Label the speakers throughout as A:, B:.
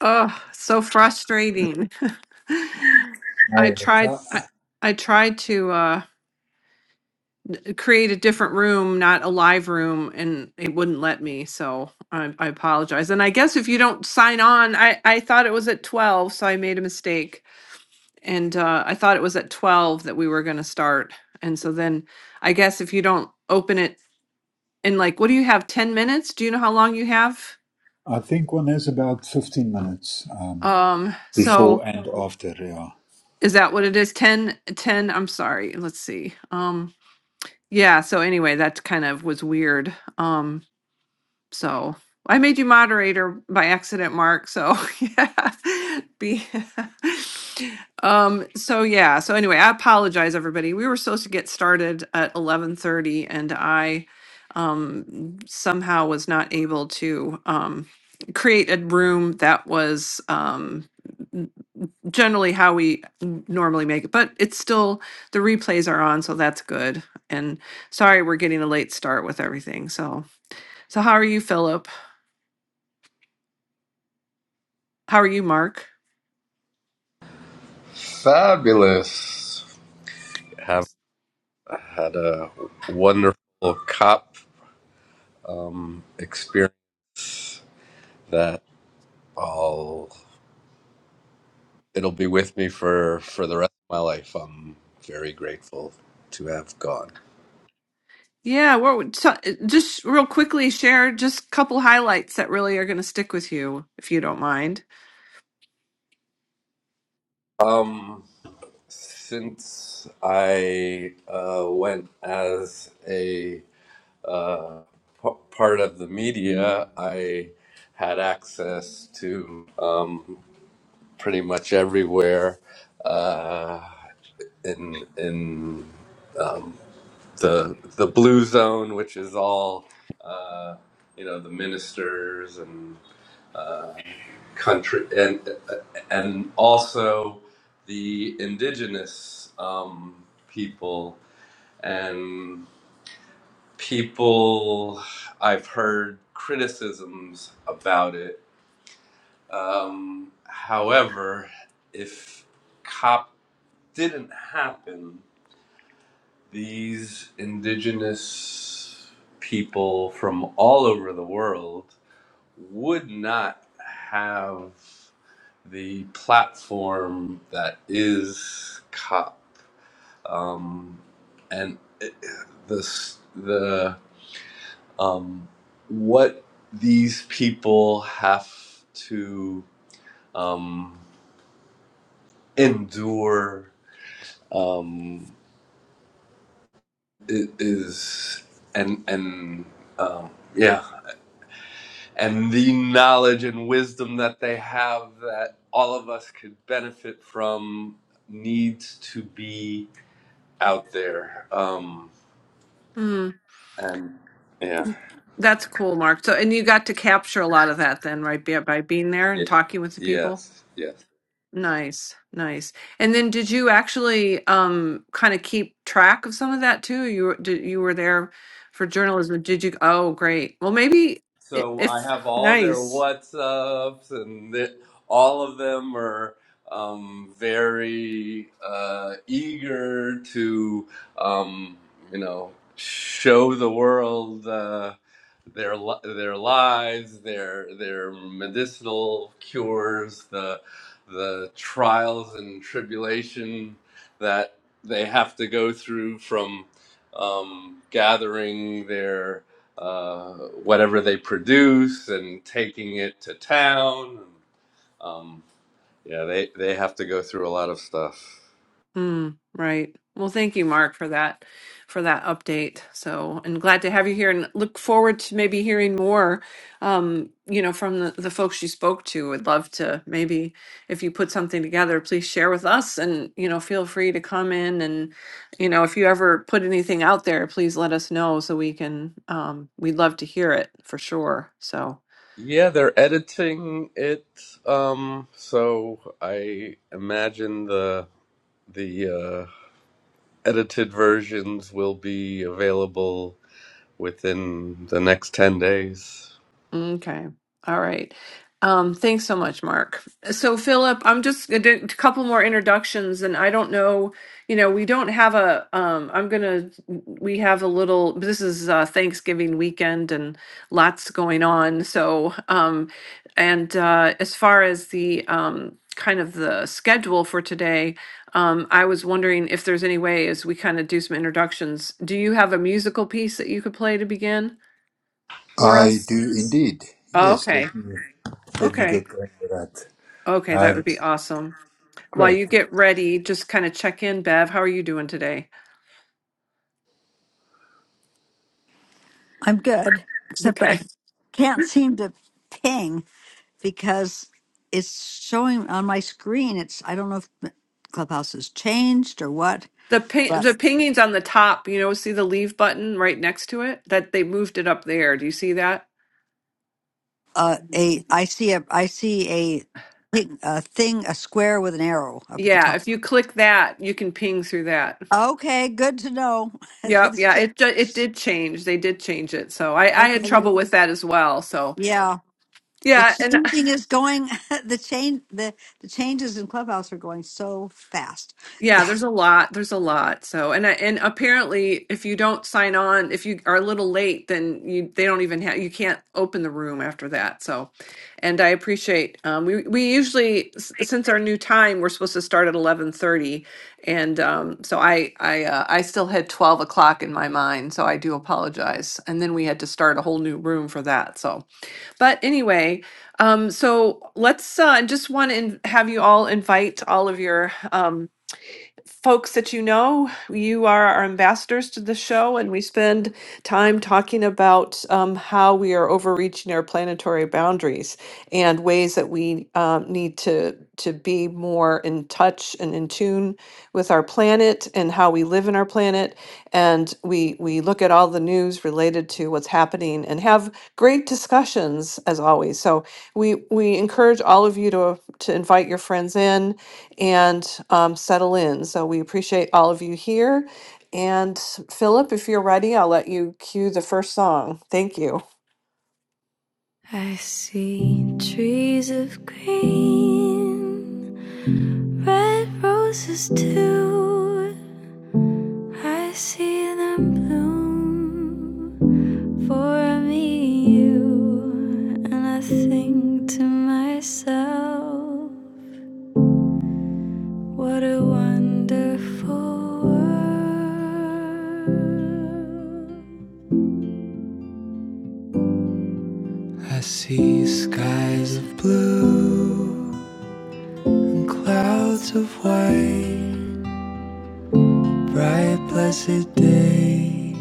A: Oh, so frustrating.
B: Hi,
A: I tried
B: Alexa.
A: I, I tried to uh create a different room, not a live room, and it wouldn't let me. So I, I apologize. And I guess if you don't sign on, I I thought it was at 12, so I made a mistake. And uh I thought it was at 12 that we were going to start. And so then I guess if you don't open it in like what do you have 10 minutes? Do you know how long you have?
B: I think one has about 15 minutes um,
A: Um so
B: before and after, yeah.
A: Is that what it is? is? I'm sorry. Let's see. Um, yeah, so anyway, that kind of was weird. Um, so I made you moderator by accident, Mark. So yeah. Be um, so yeah, so anyway, I apologize everybody. We were supposed to get started at eleven thirty and I um somehow was not able to um create a room that was um generally how we n- normally make it, but it's still the replays are on, so that's good. And sorry, we're getting a late start with everything. So, so how are you, Philip? How are you, Mark?
C: Fabulous. Have had a wonderful cop experience that I'll it'll be with me for for the rest of my life. I'm very grateful to have gone.
A: Yeah, what would so, uh, just real quickly share just a couple highlights that really are going to stick with you, if you don't mind.
C: Um, since I uh, went as a p- part of the media, I had access to um, pretty much everywhere uh, in in um, the the blue zone, which is all uh, you know the ministers and country and and also the indigenous um, people and people I've heard criticisms about it. Um, however, if COP didn't happen, these indigenous people from all over the world would not have the platform that is cop um, and it, the the um, what these people have to um, endure um, is and and um, yeah and the knowledge and wisdom that they have that all of us could benefit from needs to be out there. Um,
A: Mm,
C: and yeah,
A: that's cool, Mark. So, and you got to capture a lot of that then, right? By, by being there
C: yeah,
A: and talking with the people.
C: yes, yes.
A: Nice, nice. And then, did you actually um kind of keep track of some of that too? You were- did, you were there for journalism. Did you? Oh, great. Well, maybe i-
C: So I
A: if
C: have all their
A: nice.
C: WhatsApps, and th- all of them are um, very uh, eager to, um, you know, show the world uh, their li- their lives, their their medicinal cures, the the trials and tribulation that they have to go through from um, gathering their uh, whatever they produce and taking it to town. Um, yeah, they, they have to go through a lot of stuff.
A: Mm, right. Well, thank you, Mark, for that for that update. So, and glad to have you here, and look forward to maybe hearing more. Um, you know, from the, the folks you spoke to. Would love to maybe if you put something together, please share with us, and you know, feel free to come in, and you know, if you ever put anything out there, please let us know so we can. Um, we'd love to hear it for sure. So.
C: Yeah, they're editing it. Um, so I imagine the the uh, edited versions will be available within the next ten days.
A: Okay. All right. Um, thanks so much, Mark. So, Philip, I'm just I did a couple more introductions, and I don't know, you know, we don't have a, um, I'm gonna, we have a little, this is uh, Thanksgiving weekend and lots going on. So, um, and uh, as far as the um, kind of the schedule for today, um, I was wondering if there's any way as we kind of do some introductions, do you have a musical piece that you could play to begin for
B: I
A: us?
B: do indeed.
A: Oh,
B: Yes,
A: okay.
B: let me, let me
A: Okay.
B: get going with that.
A: Okay, that
B: Uh,
A: would be awesome. While
B: great.
A: you get ready, just kind of check in, Bev. How are you doing today?
D: I'm good, except I
A: Okay.
D: can't seem to ping because it's showing on my screen. It's I don't know if the Clubhouse has changed or what.
A: The ping,
D: But
A: the pinging's on the top. You know, see the leave button right next to it? That they moved it up there. Do you see that?
D: uh, a I see a I see a thing, a thing a square with an arrow up at the
A: Yeah,
D: top.
A: if you click that, you can ping through that.
D: Okay, good to know. okay,
A: Yep, yeah, it ju- it did change. They did change it. So I I had trouble with that as well. So,
D: yeah, the
A: yeah, and
D: changing is going. The change the the changes in Clubhouse are going so fast.
A: Yeah, there's a lot. There's a lot. So, and I, and apparently, if you don't sign on, if you are a little late, then you they don't even have you can't open the room after that. So, and I appreciate um, we we usually s- since our new time we're supposed to start at eleven thirty, and um, so I I uh, I still had twelve o'clock in my mind, so I do apologize. And then we had to start a whole new room for that. So, but anyway, um, so let's uh, just want to have you all invite all of your. um folks that you know. You are our ambassadors to the show, and we spend time talking about um, how we are overreaching our planetary boundaries and ways that we um, need to to be more in touch and in tune with our planet and how we live in our planet. And we we look at all the news related to what's happening and have great discussions as always. So we we encourage all of you to to invite your friends in and um, settle in. So we appreciate all of you here. And Philip, if you're ready, I'll let you cue the first song. Thank you.
E: I see trees of green, red roses too. I see them bloom for me and you. And I think to myself, what a wonderful world. I see skies of blue and clouds of white. Bright, blessed day,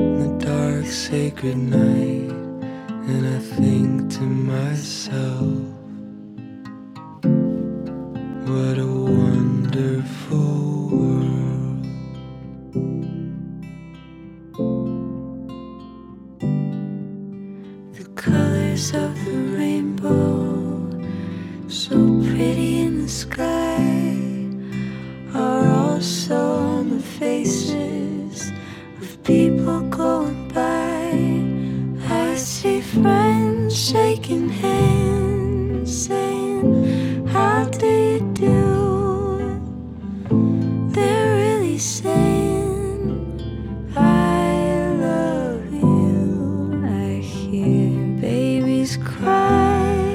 E: the dark, sacred night. And I think to myself, what a wonderful world. The colors of the rainbow, so pretty in the sky. are also on the faces of people going by. I see friends shaking hands, saying, How do you do? They're really saying, I love you. I hear babies cry,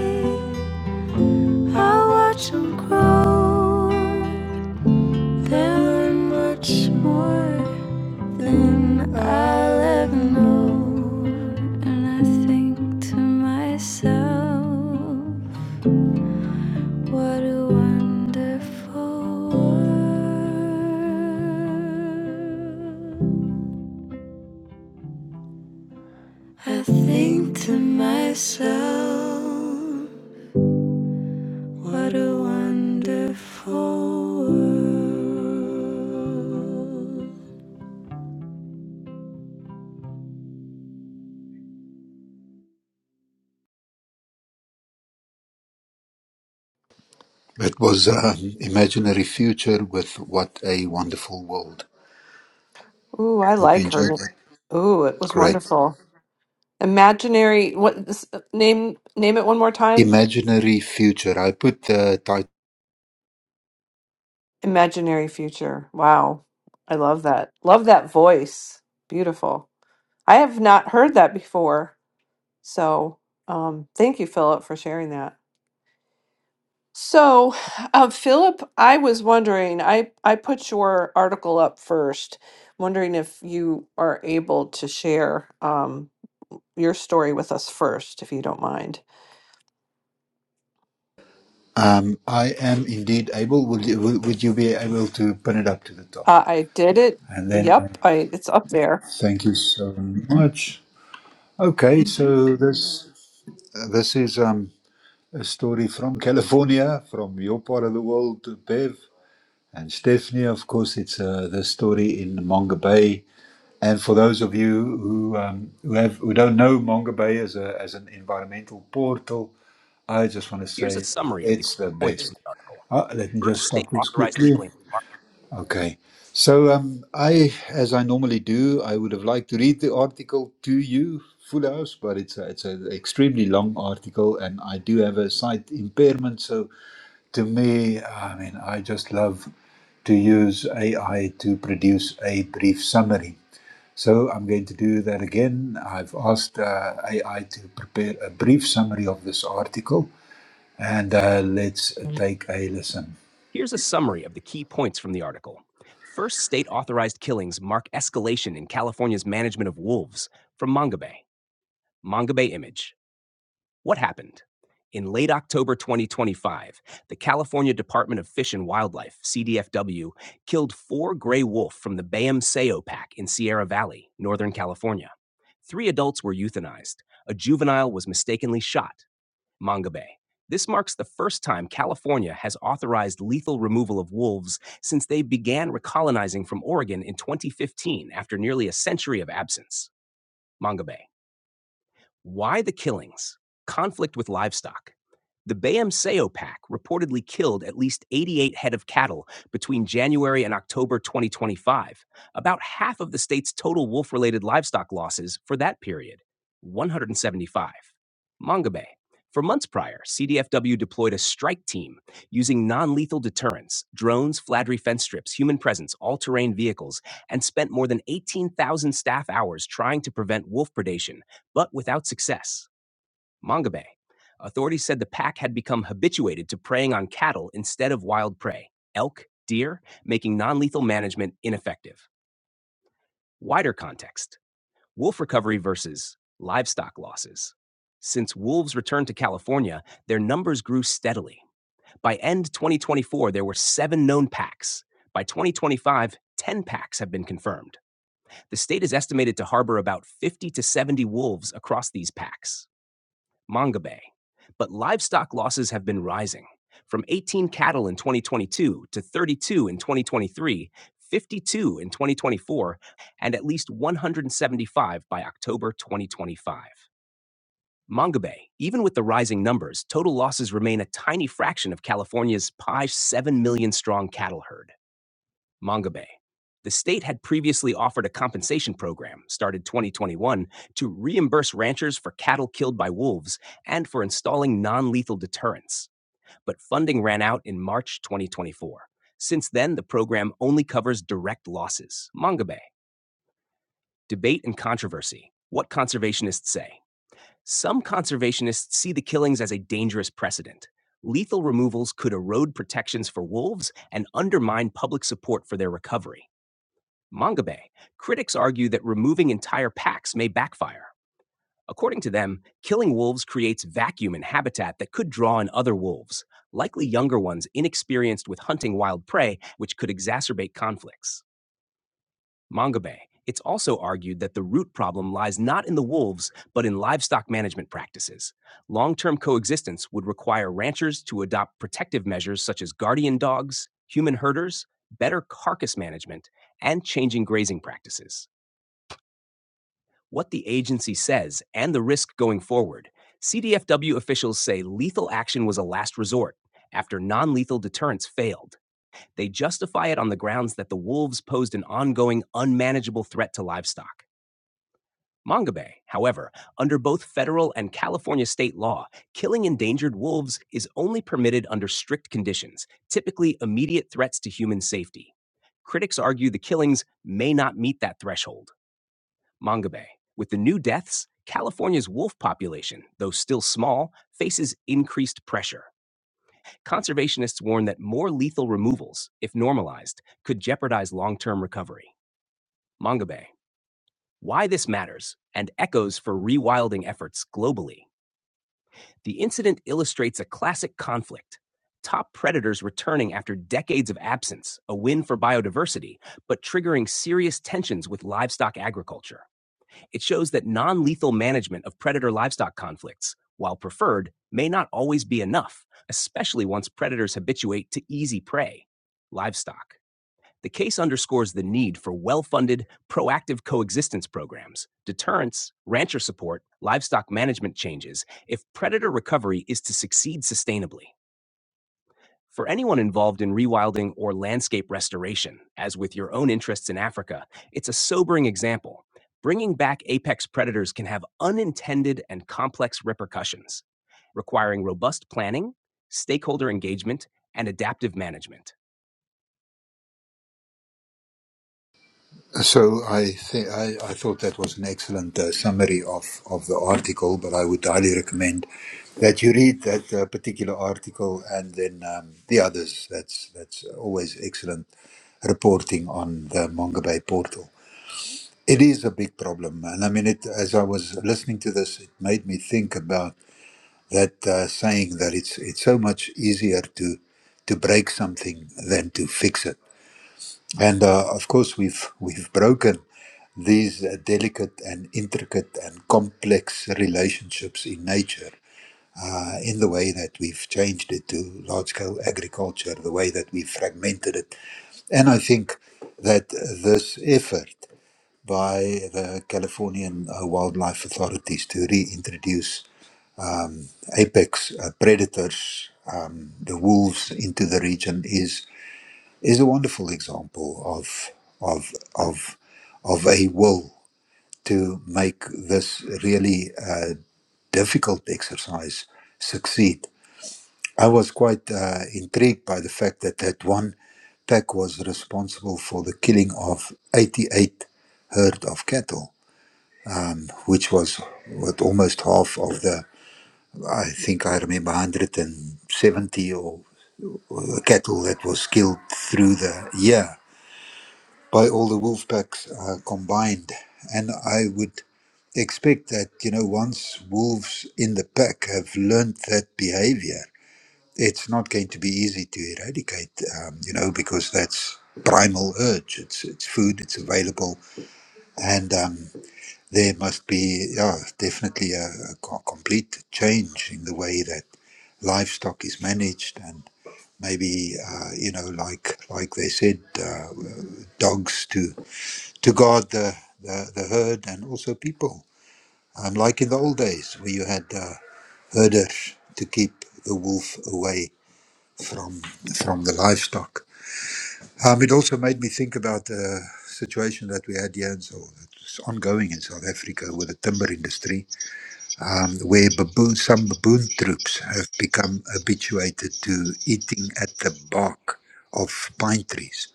E: I watch them grow. There are much more than I'll ever know. And I think to myself, what a wonderful world. I think to myself, what a wonderful world.
B: That was um, Imaginary Future with What a Wonderful World.
A: Ooh, I
B: Hope you
A: like her.
B: enjoyed that.
A: Ooh, it was
B: Great.
A: wonderful. Imaginary. What this, name? Name it one more time.
B: Imaginary Future. I put the title.
A: Imaginary future. Wow, I love that. Love that voice. Beautiful. I have not heard that before. So, um, thank you, Philip, for sharing that. So, uh, Philip, I was wondering, I, I put your article up first, wondering if you are able to share um, your story with us first, if you don't mind.
B: Um, I am indeed able. Would you, would would you be able to pin it up to the top?
A: Uh, I did it.
B: And then uh,
A: Yep, I it's up there.
B: thank you so much. Okay, so this this is um, a story from California, from your part of the world, Bev and Stephanie. Of course, it's uh, the story in Manga Bay. And for those of you who um, who, have, who don't know Manga Bay as a as an environmental portal, I just want to say it's the best. Ah, let me just stop this quickly. Okay. So um, I, as I normally do, I would have liked to read the article to you, Full House, but it's a, it's an extremely long article, and I do have a sight impairment. So to me, I mean, I just love to use AI to produce a brief summary. So I'm going to do that again. I've asked uh, AI to prepare a brief summary of this article, and uh, let's take a listen. So I, th- I I thought that was an excellent uh, summary of, of the article, but I would highly recommend that you read that uh, particular article and then um, the others. That's that's always excellent reporting on the Manga Bay portal. It is a big problem, and I mean it. As I was listening to this, it made me think about that uh, saying that it's it's so much easier to to break something than to fix it and uh, of course, we've we've broken these uh, delicate and intricate and complex relationships in nature uh, in the way that we've changed it to large-scale agriculture, the way that we've fragmented it, and I think that this effort by the Californian uh, wildlife authorities to reintroduce apex uh, predators, um, the wolves, into the region is is a wonderful example of of of of a will to make this really uh, difficult exercise succeed. I was quite uh, intrigued by the fact that that one pack was responsible for the killing of 88 herd of cattle, which was what almost half of the I think I remember 170 or or cattle that was killed through the year by all the wolf packs uh, combined. And I would expect that, you know, once wolves in the pack have learned that behavior, it's not going to be easy to eradicate, um, you know, because that's primal urge. It's, it's food, it's available. And um, there must be, yeah, definitely a, a co- complete change in the way that livestock is managed and maybe uh, you know like like they said uh, dogs to to guard the, the, the herd and also people. Um, like in the old days where you had uh, herders to keep the wolf away from, from the livestock. Um, it also made me think about the situation that we had here in South, that's ongoing in South Africa with the timber industry, um, where baboon, some baboon troops have become habituated to eating at the bark of pine trees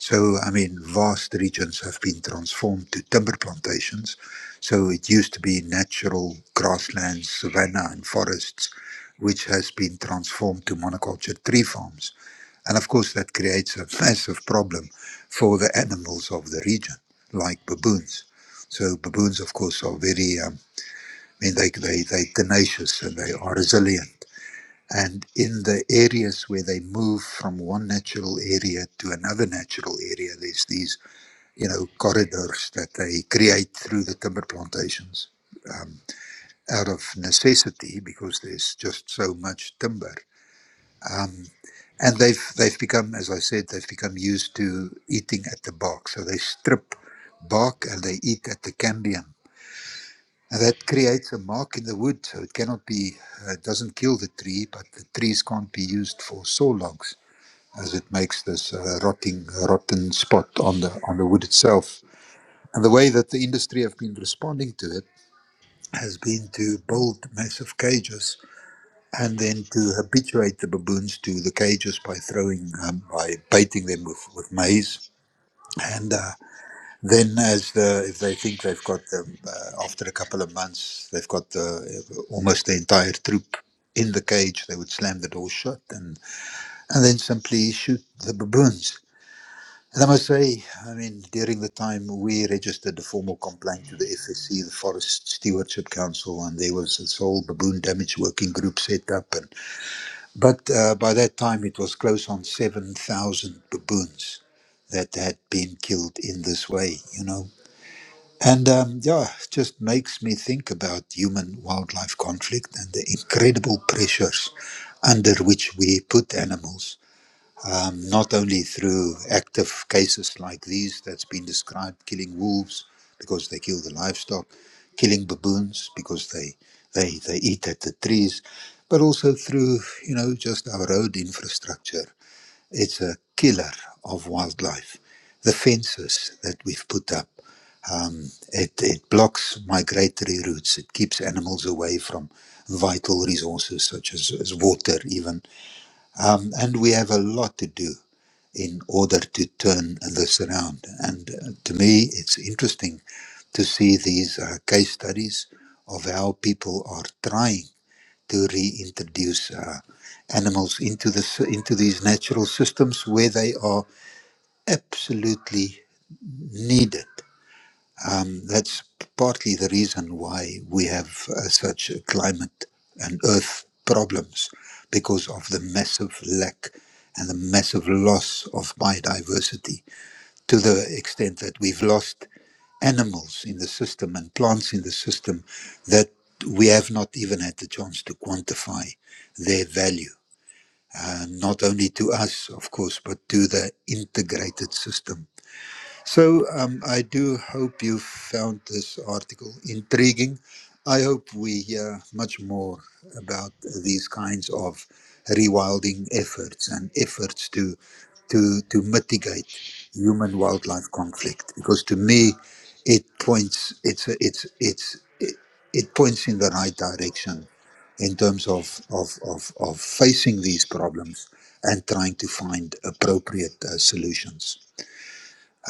B: so, I mean, vast regions have been transformed to timber plantations. So, it used to be natural grasslands, savanna, and forests, which has been transformed to monoculture tree farms. And of course, that creates a massive problem for the animals of the region, like baboons. So, baboons, of course, are very, um, I mean, they, they, they tenacious and they are resilient and in the areas where they move from one natural area to another natural area, there's these, you know, corridors that they create through the timber plantations um, out of necessity because there's just so much timber. Um, and they've they've become, as I said, they've become used to eating at the bark. So they strip bark and they eat at the cambium. And that creates a mark in the wood, so it cannot be, uh, it doesn't kill the tree, but the trees can't be used for saw logs. as it makes this uh, rotting, rotten spot on the on the wood itself. And the way that the industry have been responding to it has been to build massive cages and then to habituate the baboons to the cages by throwing um, by baiting them with, with maize. And uh, then, as the if they think they've got them uh, after a couple of months, they've got the, almost the entire troop in the cage. They would slam the door shut and and then simply shoot the baboons And I must say, I mean, during the time we registered the formal complaint to the FSC, the Forest Stewardship Council, and there was this whole baboon damage working group set up. And but uh, by that time, it was close on seven thousand baboons that had been killed in this way, you know. And um, yeah, it just makes me think about human-wildlife conflict and the incredible pressures under which we put animals um, not only through active cases like these that's been described, killing wolves because they kill the livestock, killing baboons because they, they, they eat at the trees, but also through, you know, just our road infrastructure. It's a killer of wildlife. The fences that we've put up, um, it, it blocks migratory routes. It keeps animals away from vital resources such as, as water, even. Um, and we have a lot to do in order to turn this around. And uh, to me, it's interesting to see these uh, case studies of how people are trying to reintroduce uh, animals into the s- into these natural systems where they are absolutely needed. Um, that's partly the reason why we have uh, such a climate and earth problems because of the massive lack and the massive loss of biodiversity to the extent that we've lost animals in the system and plants in the system that we have not even had the chance to quantify their value, uh, not only to us, of course, but to the integrated system so um, I do hope you found this article intriguing. I hope we hear much more about these kinds of rewilding efforts and efforts to to to mitigate human wildlife conflict because to me it points it's a, it's it's it, it points in the right direction in terms of of of, of facing these problems and trying to find appropriate uh, solutions.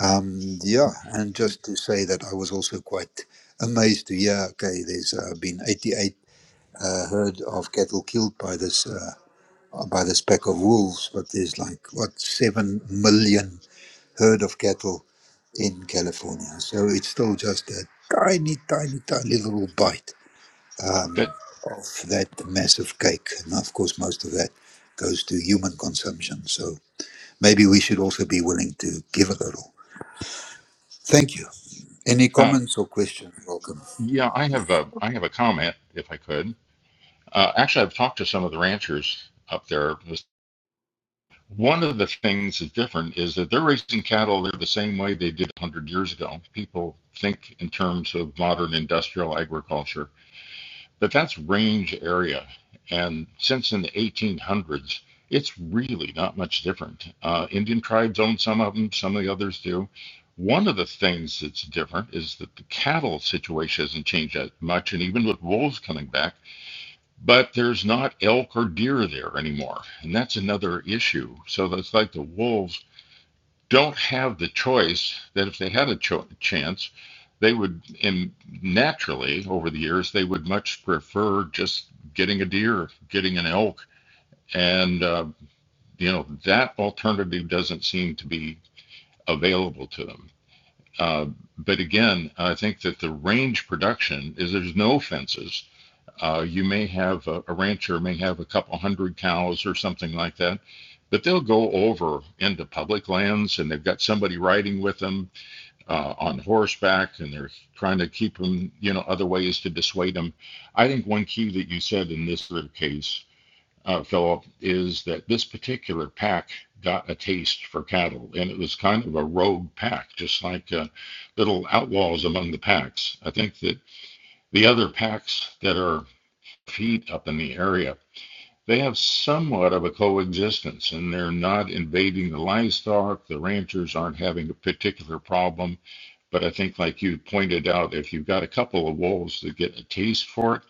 B: Um, yeah, and just to say that I was also quite amazed to hear. Okay, there's uh, been 88 uh, herd of cattle killed by this uh, by this pack of wolves, but there's like what seven million herd of cattle in California. So it's still just a tiny, tiny, tiny little bite um,
F: That,
B: of that massive cake, and of course, most of that goes to human consumption. So maybe we should also be willing to give a little. Thank you. Any
F: uh,
B: comments or questions? Welcome.
F: yeah, I have a, I have a comment if I could. Uh, actually, I've talked to some of the ranchers up there. One of the things that's different is that they're raising cattle the same way they did 100 years ago. People think in terms of modern industrial agriculture. but that's range area. And since in the 1800s, it's really not much different. Uh, Indian tribes own some of them, some of the others do. One of the things that's different is that the cattle situation hasn't changed that much, and even with wolves coming back, but there's not elk or deer there anymore. And that's another issue. So that's like the wolves don't have the choice that if they had a cho- chance, they would, and naturally over the years, they would much prefer just getting a deer, getting an elk. And, uh, you know, that alternative doesn't seem to be available to them. Uh, but again, I think that the range production is there's no fences. Uh, you may have a, a rancher may have a couple hundred cows or something like that, but they'll go over into public lands and they've got somebody riding with them uh, on horseback and they're trying to keep them, you know, other ways to dissuade them. I think one key that you said in this sort case, uh, Philip, is that this particular pack got a taste for cattle and it was kind of a rogue pack, just like uh, little outlaws among the packs. I think that the other packs that are feet up in the area. They have somewhat of a coexistence and they're not invading the livestock. The ranchers aren't having a particular problem but I think, like you pointed out, if you've got a couple of wolves that get a taste for it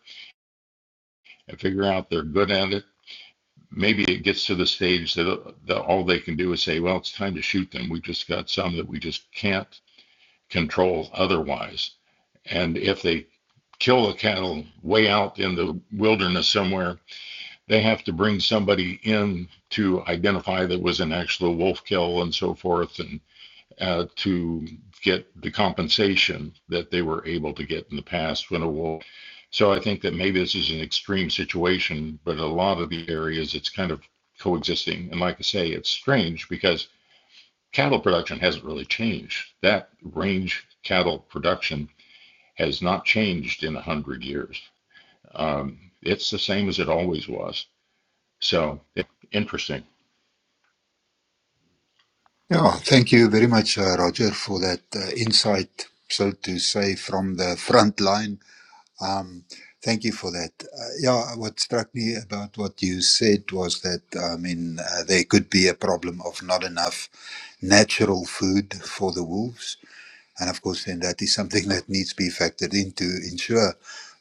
F: and figure out they're good at it, maybe it gets to the stage that, that all they can do is say, well, it's time to shoot them. we just got some that we just can't control otherwise. And if they kill the cattle way out in the wilderness somewhere, they have to bring somebody in to identify that was an actual wolf kill and so forth. and. uh, to get the compensation that they were able to get in the past when a war. So I think that maybe this is an extreme situation, but a lot of the areas it's kind of coexisting. And like I say, it's strange because cattle production hasn't really changed. That range cattle production has not changed in a hundred years. Um, it's the same as it always was. So it, interesting.
B: Yeah, thank you very much, uh, Roger, for that uh, insight, so to say, from the front line. Um, thank you for that. Uh, yeah, what struck me about what you said was that, I mean, uh, there could be a problem of not enough natural food for the wolves. And of course, then that is something that needs to be factored in to ensure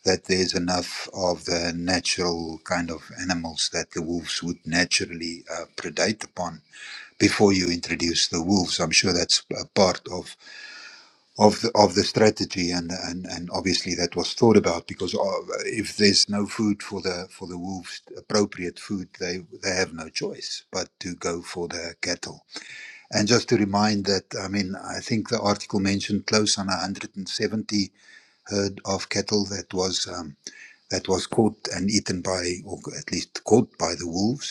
B: that there's enough of the natural kind of animals that the wolves would naturally uh, predate upon before you introduce the wolves. I'm sure that's a part of of the, of the strategy, and, and and obviously that was thought about because uh, if there's no food for the for the wolves, appropriate food, they they have no choice but to go for the cattle. And just to remind that, I mean, I think the article mentioned close on 170 herd of cattle that was um, that was caught and eaten by, or at least caught by the wolves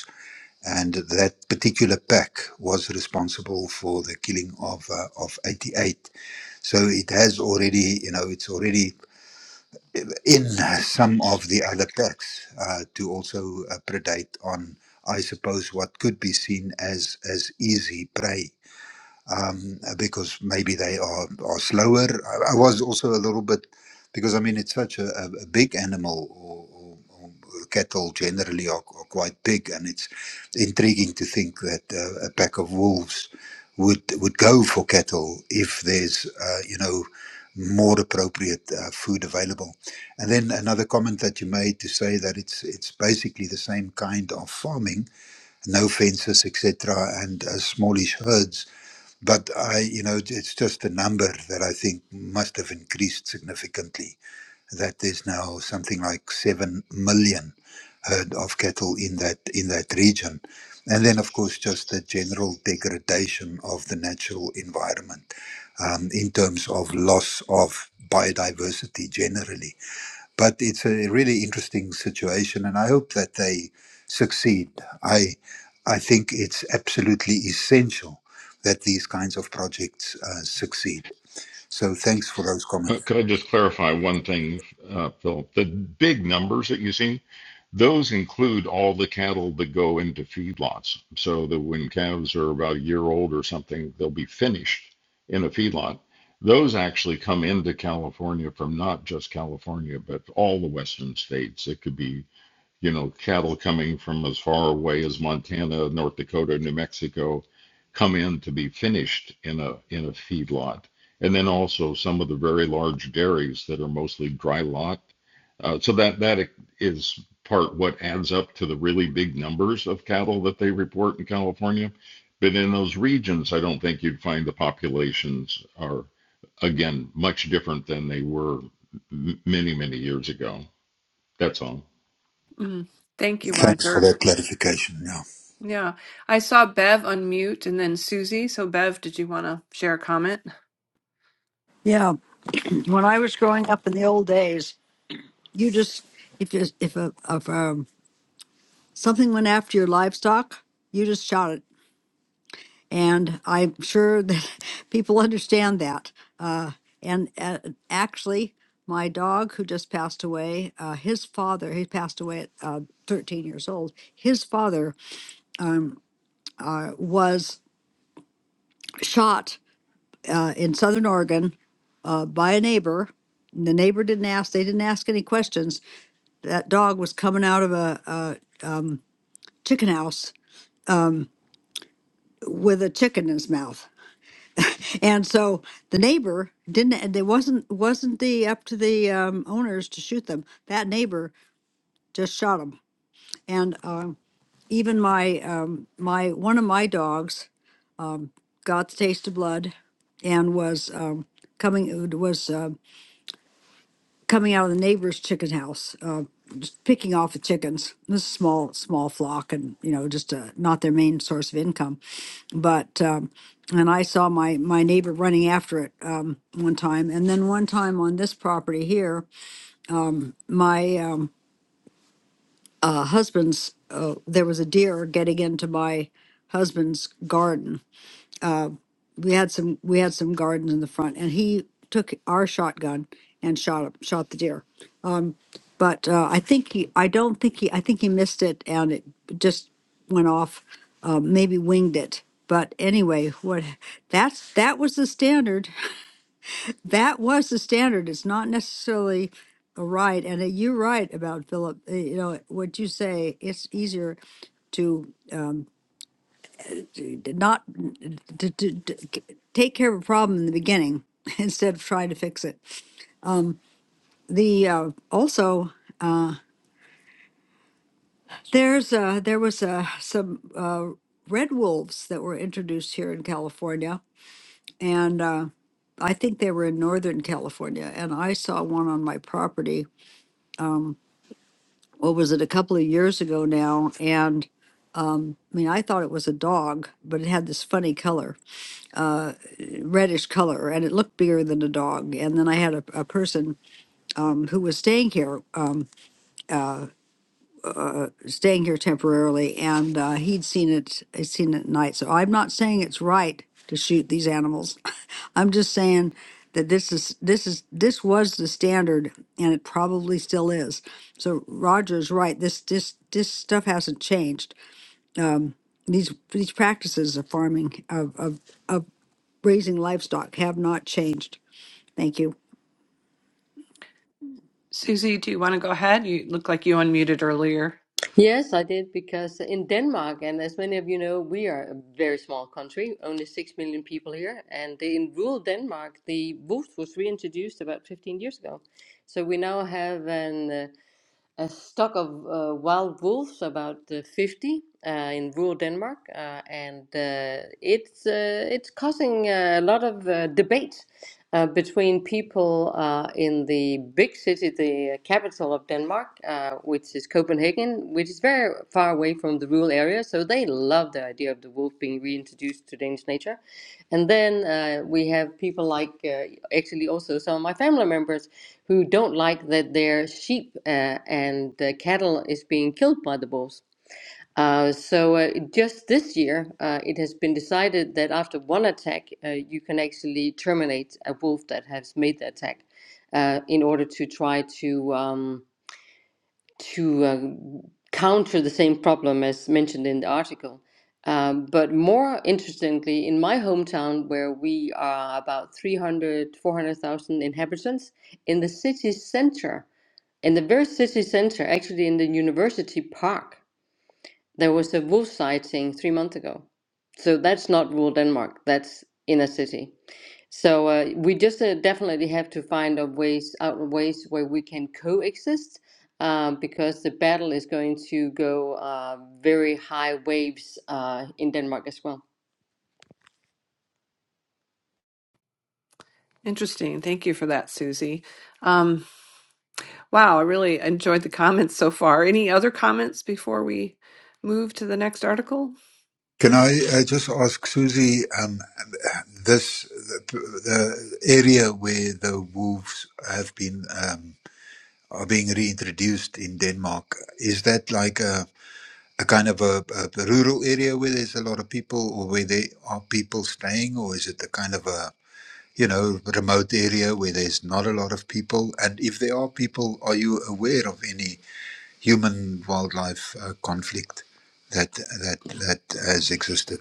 B: and that particular pack was responsible for the killing of uh, of 88 so it has already you know it's already in some of the other packs uh, to also uh, predate on i suppose what could be seen as as easy prey um, because maybe they are, are slower. I, I was also a little bit, because I mean, it's such a, a, a big animal, or, or, or cattle generally are, are quite big, and it's intriguing to think that uh, a pack of wolves would would go for cattle if there's, uh, you know, more appropriate uh, food available. And then another comment that you made to say that it's it's basically the same kind of farming, no fences, etc., and uh, smallish herds but I, you know, it's just a number that I think must have increased significantly. That there's now something like seven million herd of cattle in that in that region, and then of course just the general degradation of the natural environment um, in terms of loss of biodiversity generally but it's a really interesting situation, and I hope that they succeed. I, I think it's absolutely essential that these kinds of projects uh, succeed. So thanks for those
F: Uh,
B: comments.
F: Could I just clarify one thing, uh, Phil? The big numbers that you see Those include all the cattle that go into feedlots, so that when calves are about a year old or something, they'll be finished in a feedlot. Those actually come into California from not just California, but all the western states. It could be you know, cattle coming from as far away as Montana, North Dakota, New Mexico, come in to be finished in a in a feedlot, and then also some of the very large dairies that are mostly dry lot. Uh, so that that is part what adds up to the really big numbers of cattle that they report in California. But in those regions, I don't think you'd find the populations are again much different than they were many many years ago. That's all.
A: Mm. Thank you,
B: Thanks for
A: Roger.
B: that clarification. Yeah.
A: Yeah. I saw Bev unmute and then Susie. So, Bev, did you want to share a comment?
D: Yeah, when I was growing up in the old days, you just if you, if a, if um, something went after your livestock, you just shot it, and I'm sure that people understand that. Uh, and uh, actually, my dog who just passed away, uh, his father, he passed away at uh, 13 years old. His father um, uh, was shot uh, in Southern Oregon uh, by a neighbor. and The neighbor didn't ask; they didn't ask any questions that dog was coming out of a, a um, chicken house with a chicken in his mouth, and so the neighbor didn't. and They wasn't wasn't the up to the um, owners to shoot them. That neighbor just shot him, and um, even my um, my one of my dogs got the taste of blood, and was um, coming was. uh, coming out of the neighbor's chicken house, uh, just picking off the chickens. This is a small, small flock, and you know, just uh, not their main source of income. But um, and I saw my my neighbor running after it um, one time, and then one time on this property here, my um, uh, husband's uh, there was a deer getting into my husband's garden. We had some we had some gardens in the front, and he took our shotgun and shot him, shot the deer but uh, I think he, I don't think he, I think he missed it and it just went off, uh, maybe winged it. But anyway, what that's that was the standard. That was the standard. It's not necessarily a right. And uh, you're right about Philip. uh, You know what you say. It's easier to not to, to, to take care of a problem in the beginning instead of trying to fix it. The uh, also There's uh there was uh some uh red wolves that were introduced here in California and uh I think they were in Northern California and I saw one on my property. What was it a couple of years ago now and I mean I thought it was a dog but it had this funny color, reddish color and it looked bigger than a dog and then I had a, a person um, who was staying here staying here temporarily, and uh, he'd seen it. He'd seen it at night. So I'm not saying it's right to shoot these animals. I'm just saying that this is this is this was the standard, and it probably still is. So Roger's right. This this this stuff hasn't changed. These these practices of farming of of, of raising livestock have not changed. Thank you.
A: Susie, do you want to go ahead? You look like you unmuted earlier.
G: Yes, I did because in Denmark, and as many of you know, we are a very small country, only 6 million people here. And in rural Denmark, the booth was reintroduced about 15 years ago. So we now have an uh, a stock of uh, wild wolves, about uh, 50, uh, in rural Denmark, uh, and uh, it's uh, it's causing a lot of uh, debate uh, between people uh, in the big city, the capital of Denmark, uh, which is Copenhagen, which is very far away from the rural area. So they love the idea of the wolf being reintroduced to Danish nature, and then uh, we have people like uh, actually also some of my family members who don't like that their sheep uh, and uh, cattle is being killed by the wolves. Uh, so uh, just this year, uh, it has been decided that after one attack, uh, you can actually terminate a wolf that has made the attack, uh, in order to try to um, to uh, counter the same problem as mentioned in the article. Um, but more interestingly, in my hometown, where we are about 300, 400,000 inhabitants, in the city center, in the very city center, actually in the university park, there was a wolf sighting three months ago. So that's not rural Denmark, that's inner city. So uh, we just uh, definitely have to find a ways out of ways where we can coexist uh, because the battle is going to go uh, very high waves uh, in Denmark as well.
A: Interesting. Thank you for that, Susie. Um, wow, I really enjoyed the comments so far. Any other comments before we move to the next article?
B: Can I uh, just ask Susie um, this the, the area where the wolves have been um, are being reintroduced in Denmark is that like a a kind of a, a rural area where there's a lot of people or where there are people staying or is it a kind of a you know remote area where there's not a lot of people and if there are people are you aware of any human wildlife uh, conflict that that that has existed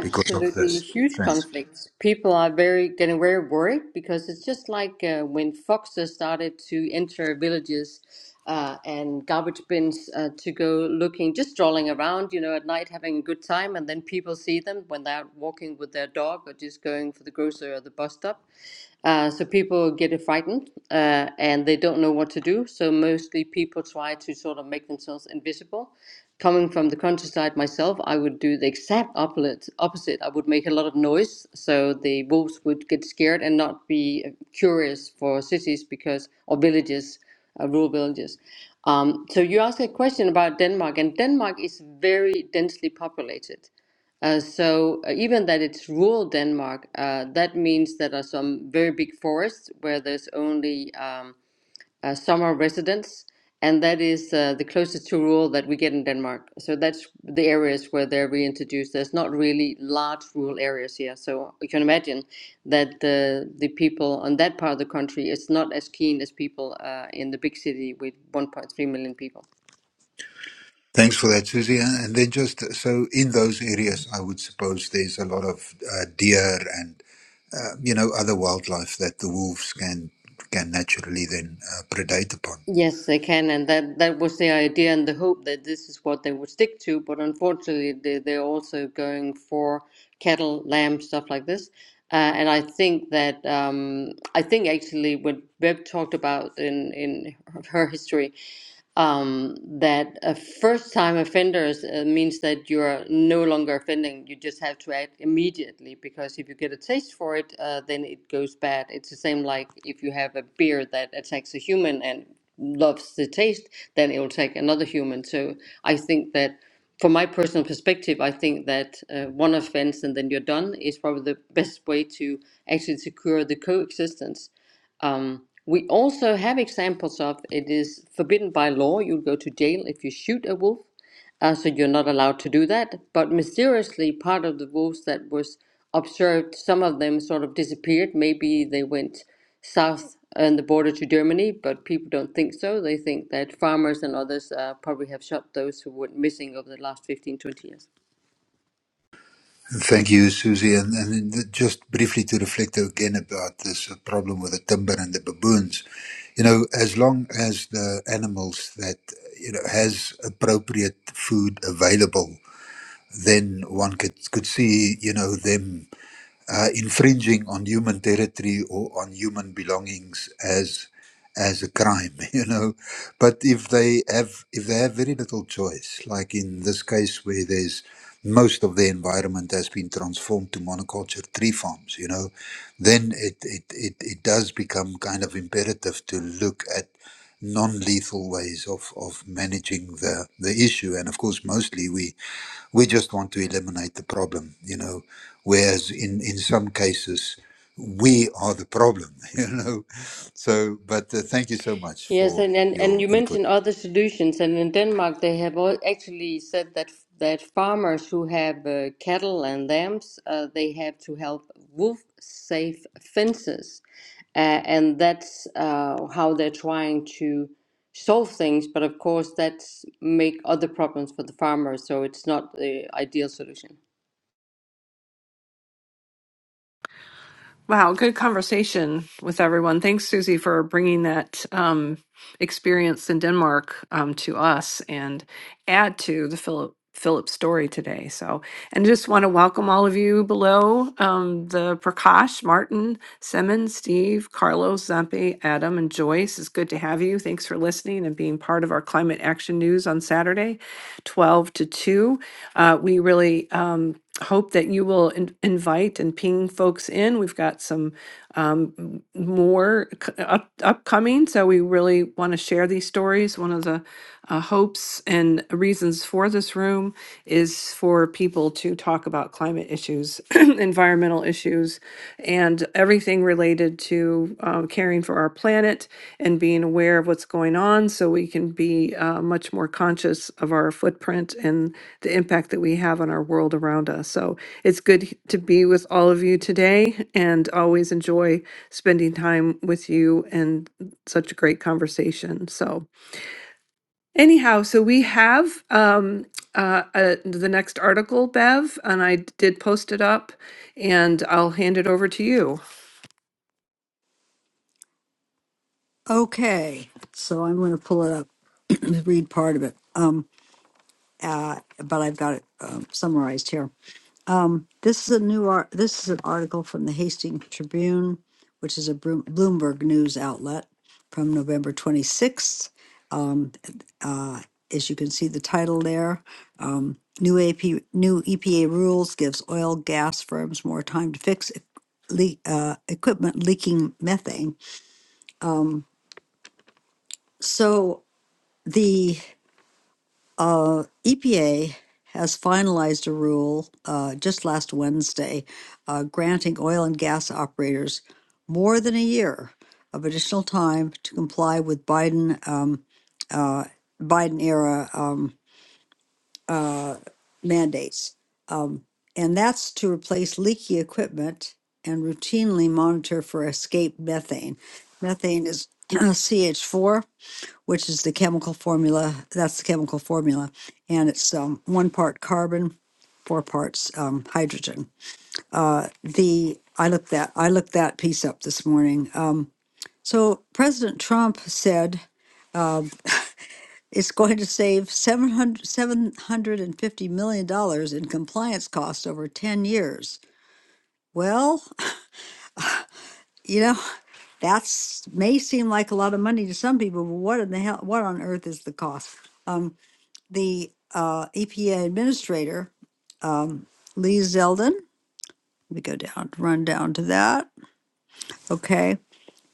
B: because of this
G: huge
B: thanks
G: conflicts. People are very getting very worried because it's just like uh, when foxes started to enter villages uh, and garbage bins uh, to go looking, just strolling around, you know, at night having a good time, and then people see them when they're out walking with their dog or just going for the grocery or the bus stop, uh, so people get frightened uh, and they don't know what to do. So mostly people try to sort of make themselves invisible. Coming from the countryside myself, I would do the exact opposite. Opposite, I would make a lot of noise, so the wolves would get scared and not be uh, curious for cities because or villages, uh, rural villages. Um, so you asked a question about Denmark, and Denmark is very densely populated. Uh, so uh, even that it's rural Denmark, uh, that means that there are some very big forests where there's only um, uh, summer residents, and that is uh, the closest to rural that we get in Denmark. So that's the areas where they're reintroduced. There's not really large rural areas here, so you can imagine that the the people on that part of the country is not as keen as people uh, in the big city with 1.3 million people.
B: Thanks for that, Susie. And then just so in those areas, I would suppose there's a lot of uh, deer and uh, you know other wildlife that the wolves can can naturally then uh, predate upon.
G: Yes, they can, and that that was the idea and the hope that this is what they would stick to. But unfortunately, they they're also going for cattle, lamb, stuff like this. Uh, and I think that um, I think actually what Webb talked about in in her history um, that a first time offenders uh, means that you're no longer offending. You just have to act immediately because if you get a taste for it, uh, then it goes bad. It's the same like if you have a beer that attacks a human and loves the taste, then it will take another human. So I think that. From my personal perspective, I think that uh, one offense and then you're done is probably the best way to actually secure the coexistence um, we also have examples of it is forbidden by law. You'll go to jail if you shoot a wolf, uh, so you're not allowed to do that. But mysteriously, part of the wolves that was observed, some of them sort of disappeared. Maybe they went south on the border to Germany, but people don't think so. They think that farmers and others uh, probably have shot those who went missing over the last 15 20 years.
B: Thank you, Susie. And, and then just briefly to reflect again about this uh, problem with the timber and the baboons. You know, as long as the animals that, you know, has appropriate food available, then one could, could see, you know, them uh, infringing on human territory or on human belongings as as a crime you know but if they have if they have very little choice like in this case where there's most of the environment has been transformed to monoculture tree farms you know then it it it, it does become kind of imperative to look at non-lethal ways of of managing the the issue and of course mostly we we just want to eliminate the problem, you know. Whereas in in some cases, we are the problem, you know. So, but uh, thank you so much
G: Yes,
B: for
G: and, and, and
B: your
G: you
B: input.
G: mentioned other solutions, and in Denmark they have al- actually said that that farmers who have uh, cattle and lambs uh, they have to help wolf safe fences, uh, and that's uh, how they're trying to solve things. But of course, that's make other problems for the farmers, so it's not the ideal solution.
A: Wow, good conversation with everyone. Thanks, Susie, for bringing that um, experience in Denmark um, to us and add to the Philip Philip story today. So, and just want to welcome all of you below um, the Prakash, Martin, Semin, Steve, Carlos, Zampi, Adam, and Joyce. It's good to have you. Thanks for listening and being part of our climate action news on Saturday, twelve to two. Uh, we really um, hope that you will in- invite and ping folks in. We've got some um, m- more c- up- upcoming, so we really want to share these stories. One of the uh, hopes and reasons for this room is for people to talk about climate issues, environmental issues, and everything related to uh, caring for our planet and being aware of what's going on so we can be uh, much more conscious of our footprint and the impact that we have on our world around us. So it's good h- to be with all of you today and always enjoy spending time with you and such a great conversation. So, Anyhow, so we have um, uh, uh, the next article, Bev, and I did post it up, and I'll hand it over to you.
D: Okay, so I'm going to pull it up, read part of it. Um, uh, but I've got it um, summarized here. Um, this is a new art. This is an article from the Hastings Tribune, which is a Broom- Bloomberg news outlet, from November 26th. Um, uh, as you can see, the title there. Um, new AP, new EPA rules gives oil gas firms more time to fix e- le- uh, equipment leaking methane. So the Uh, EPA has finalized a rule uh, just last Wednesday uh, granting oil and gas operators more than a year of additional time to comply with Biden um, uh, Biden era um, uh, mandates. Um, and that's to replace leaky equipment and routinely monitor for escaped methane. Methane is CH4 which is the chemical formula. That's the chemical formula, and it's um, one part carbon, four parts um, hydrogen. Uh, the I looked that I looked that piece up this morning. Um, so President Trump said it's going to save 700, 750 million dollars in compliance costs over ten years. Well, you know that's may seem like a lot of money to some people, but what in the hell? What on earth is the cost? Um, the uh, EPA administrator, um, Lee Zeldin. We go down, run down to that. Okay.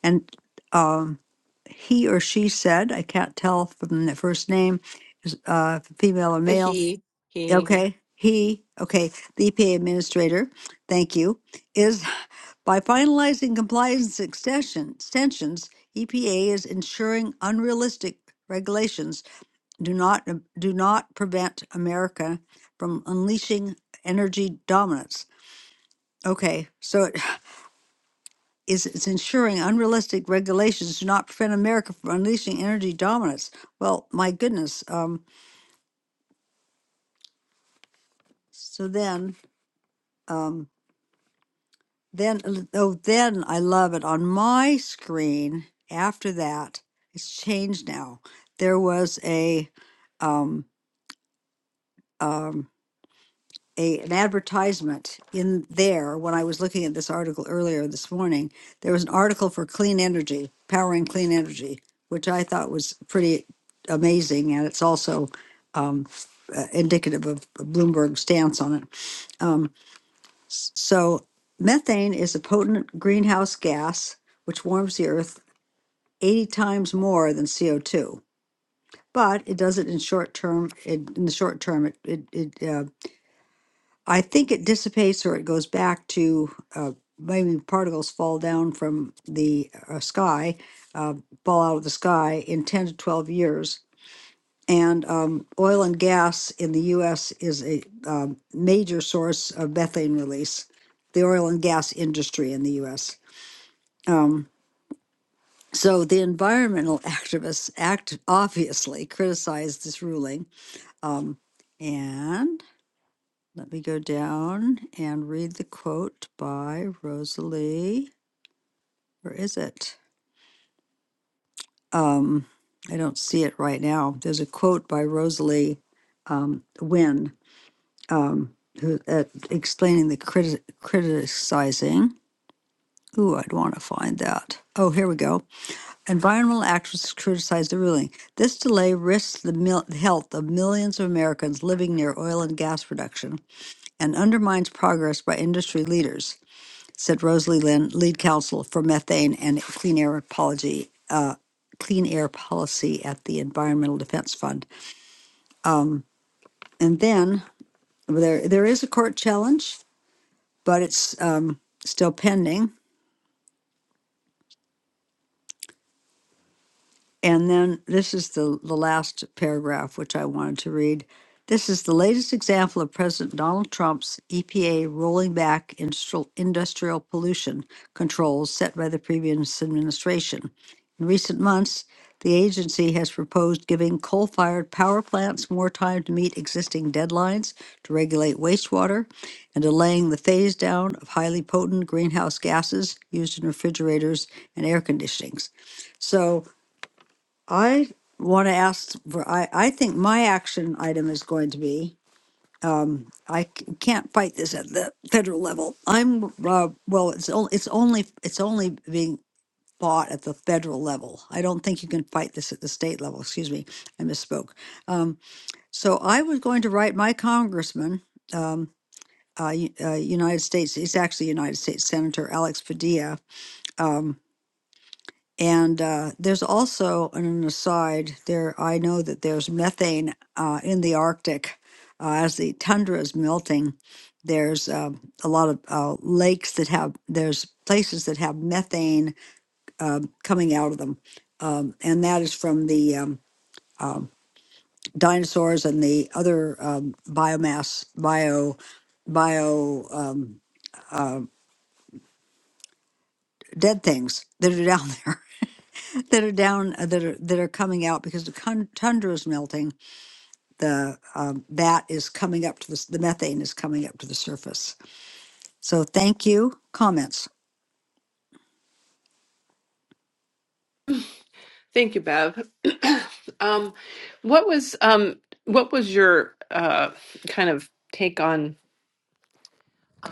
D: And um, he or she said, I can't tell from the first name, is uh, female or male. Okay. He, okay, the EPA administrator, thank you, is by finalizing compliance extension, extensions, EPA is ensuring unrealistic regulations do not uh, do not prevent America from unleashing energy dominance. Okay, so it is it's ensuring unrealistic regulations do not prevent America from unleashing energy dominance. Well, my goodness. Um, so then, um, then uh, oh, then I love it on my screen. After that, it's changed now. There was a um, um, a an advertisement in there when I was looking at this article earlier this morning. There was an article for clean energy, powering clean energy, which I thought was pretty amazing, and it's also um, uh, indicative of Bloomberg's stance on it. Um, s- so, methane is a potent greenhouse gas which warms the earth 80 times more than CO2. But it does it in short term. In in the short term, it it, it uh, I think it dissipates or it goes back to uh, maybe particles fall down from the uh, sky, uh, fall out of the sky in 10 to 12 years. And um, oil and gas in the US is a um, major source of methane release, the oil and gas industry in the US. Um, so the environmental activists act obviously criticized this ruling. Um, and Let me go down and read the quote by Rosalie. Where is it? Um, I don't see it right now. There's a quote by Rosalie um, Wynn um, who, uh, explaining the criti- criticizing. Ooh, I'd want to find that. Oh, here we go. Environmental activists criticize the ruling. This delay risks the mil- health of millions of Americans living near oil and gas production and undermines progress by industry leaders. said Rosalie Lynn, lead counsel for methane and clean air apology, uh, clean air policy at the Environmental Defense Fund. And then well, there there is a court challenge, but it's um, still pending. And then this is the, the last paragraph, which I wanted to read. This is the latest example of President Donald Trump's EPA rolling back industrial, industrial pollution controls set by the previous administration. In recent months, the agency has proposed giving coal fired power plants more time to meet existing deadlines to regulate wastewater and delaying the phase down of highly potent greenhouse gases used in refrigerators and air conditionings. So I want to ask for, I, I think my action item is going to be, um, I c- can't fight this at the federal level. I'm, uh, well, it's only, it's only, it's only being fought at the federal level. I don't think you can fight this at the state level. Excuse me, I misspoke. Um, so I was going to write my congressman, um, uh, U- uh, United States, he's actually United States Senator Alex Padilla. Um, and uh, there's also an aside there. I know that there's methane uh, in the Arctic uh, as the tundra is melting. There's uh, a lot of uh, lakes that have there's places that have methane uh, coming out of them, um, and that is from the um, um dinosaurs and the other um, biomass bio bio um, uh, dead things that are down there. that are down uh, that are that are coming out because the con- tundra is melting. The um, that is coming up to the s- the methane is coming up to the surface. So thank you. Comments?
A: Thank you, Bev. um, what was um, what was your uh, kind of take on?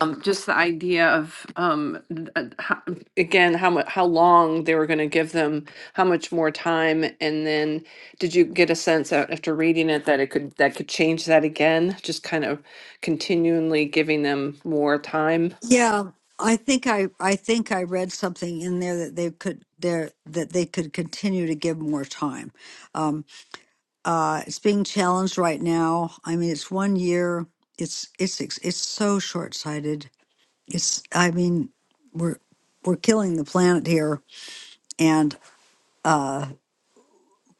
A: Um, just the idea of, um, uh, how- again, how mu, how long they were gonna give them, how much more time, and then did you get a sense out after reading it that it could, that could change that again? Just kind of continually giving them more time?
D: Yeah, I think I I think I read something in there that they could there that they could continue to give more time. Um, uh, it's being challenged right now. I mean, it's one year. It's it's it's it's so short sighted. It's I mean, we're we're killing the planet here, and uh,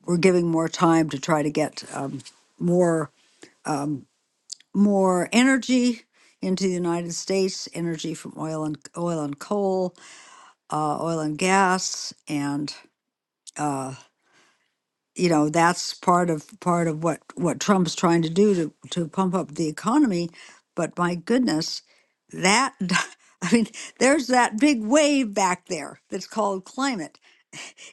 D: we're giving more time to try to get um, more um, more energy into the United States, energy from oil and oil and coal, uh, oil and gas, and uh, you know that's part of part of what what Trump's trying to do to to pump up the economy. But my goodness, that I mean, there's that big wave back there that's called climate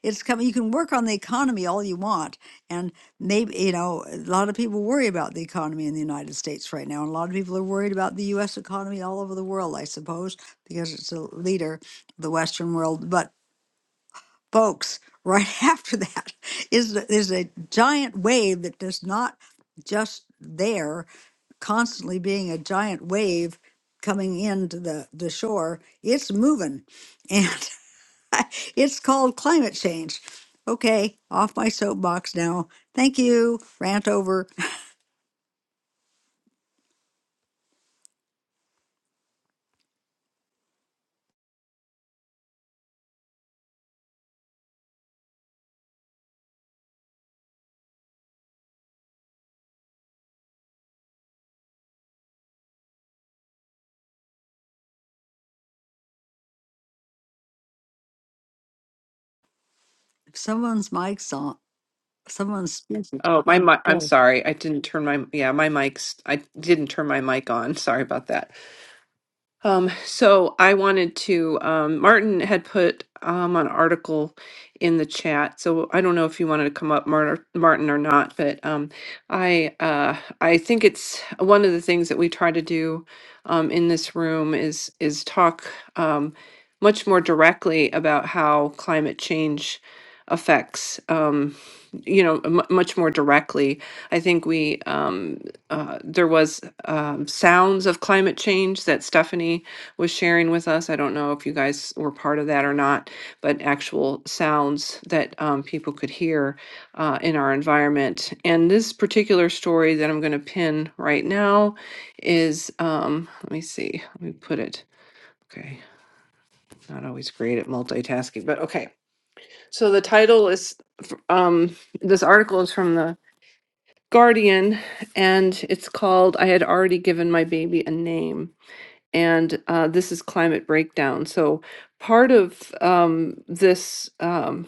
D: It's coming. You can work on the economy all you want, and maybe you know a lot of people worry about the economy in the United States right now, and a lot of people are worried about the U.S. economy all over the world, I suppose, because it's a leader, of the Western world. But folks, right after that is a- is a giant wave that does not just there constantly being a giant wave coming into the the shore. It's moving, and. It's called climate change. Okay, off my soapbox now. Thank you. Rant over. If Someone's mic's on. Someone's speaking.
A: Oh, my mi- I'm
D: Go.
A: sorry. I didn't turn my yeah, my mic's I didn't turn my mic on. Sorry about that. Um, so I wanted to, um, Martin had put um, an article in the chat. So I don't know if you wanted to come up, Martin, Martin or not, but um, I uh, I think it's one of the things that we try to do um, in this room is is talk um, much more directly about how climate change affects um, you know m- much more directly. I think we. um, uh, there was um, sounds of climate change that Stephanie was sharing with us. I don't know if you guys were part of that or not, but actual sounds that um, people could hear uh, in our environment. And this particular story that I'm going to pin right now is um, let me see, let me put it. Okay, not always great at multitasking, but okay. So the title is f- um, this article is from the Guardian, and it's called I Had Already Given My Baby a Name. And uh, this is Climate Breakdown. So, part of um, this. Um,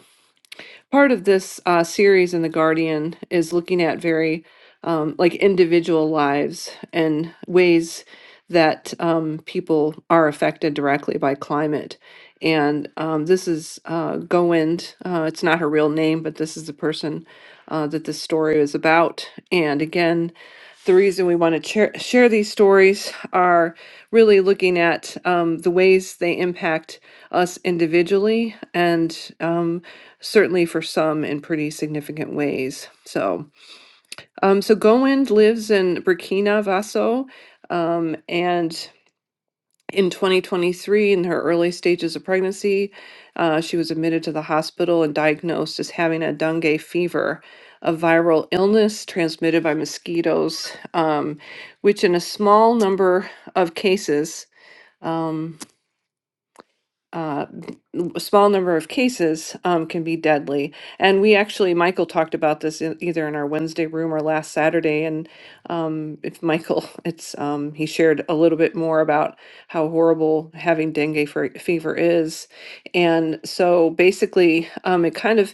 A: part of this uh, series in the Guardian is looking at very um, like individual lives and ways that um, people are affected directly by climate. And um, this is uh, Goind. Uh, it's not her real name, but this is the person uh, that this story is about. And again, the reason we want to share, share these stories are really looking at um, the ways they impact us individually and um, certainly for some in pretty significant ways. So, um, so Gowind lives in Burkina Faso, um, and in 2023, in her early stages of pregnancy, uh, she was admitted to the hospital and diagnosed as having a dengue fever, a viral illness transmitted by mosquitoes, um, which in a small number of cases. um, uh, a small number of cases um, can be deadly. And we actually, Michael talked about this in, either in our Wednesday room or last Saturday. And um, if Michael, it's um, he shared a little bit more about how horrible having dengue fe- fever is. And so basically, um, it kind of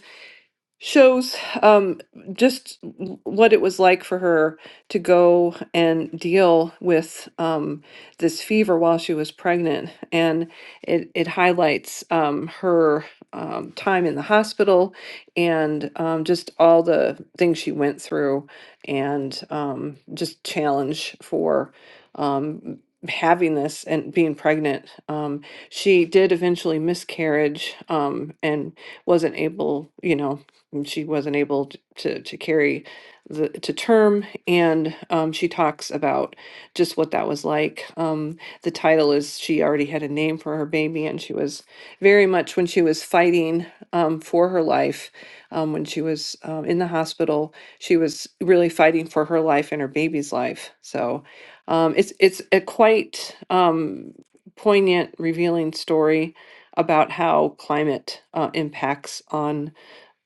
A: shows um, just w- what it was like for her to go and deal with um, this fever while she was pregnant. And it, it highlights um, her um, time in the hospital and um, just all the things she went through and um, just challenge for. Um, having this and being pregnant um, she did eventually miscarriage um, and wasn't able you know and she wasn't able t- to to carry the to term and um, she talks about just what that was like um, the title is she already had a name for her baby and she was very much when she was fighting um, for her life um, when she was um, in the hospital she was really fighting for her life and her baby's life so um, it's it's a quite um, poignant revealing story about how climate uh, impacts on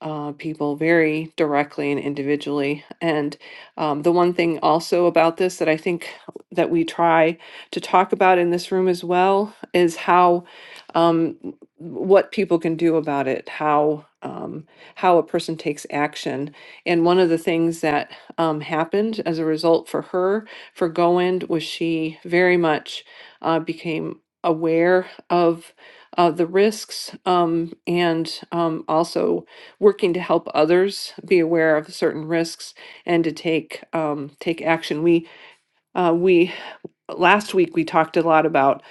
A: uh, people very directly and individually. And um, the one thing also about this that I think that we try to talk about in this room as well is how um, what people can do about it, how um, how a person takes action. And one of the things that um, happened as a result for her for Goend was she very much uh, became aware of uh, the risks um, and um, also working to help others be aware of certain risks and to take um, take action. We uh, we last week we talked a lot about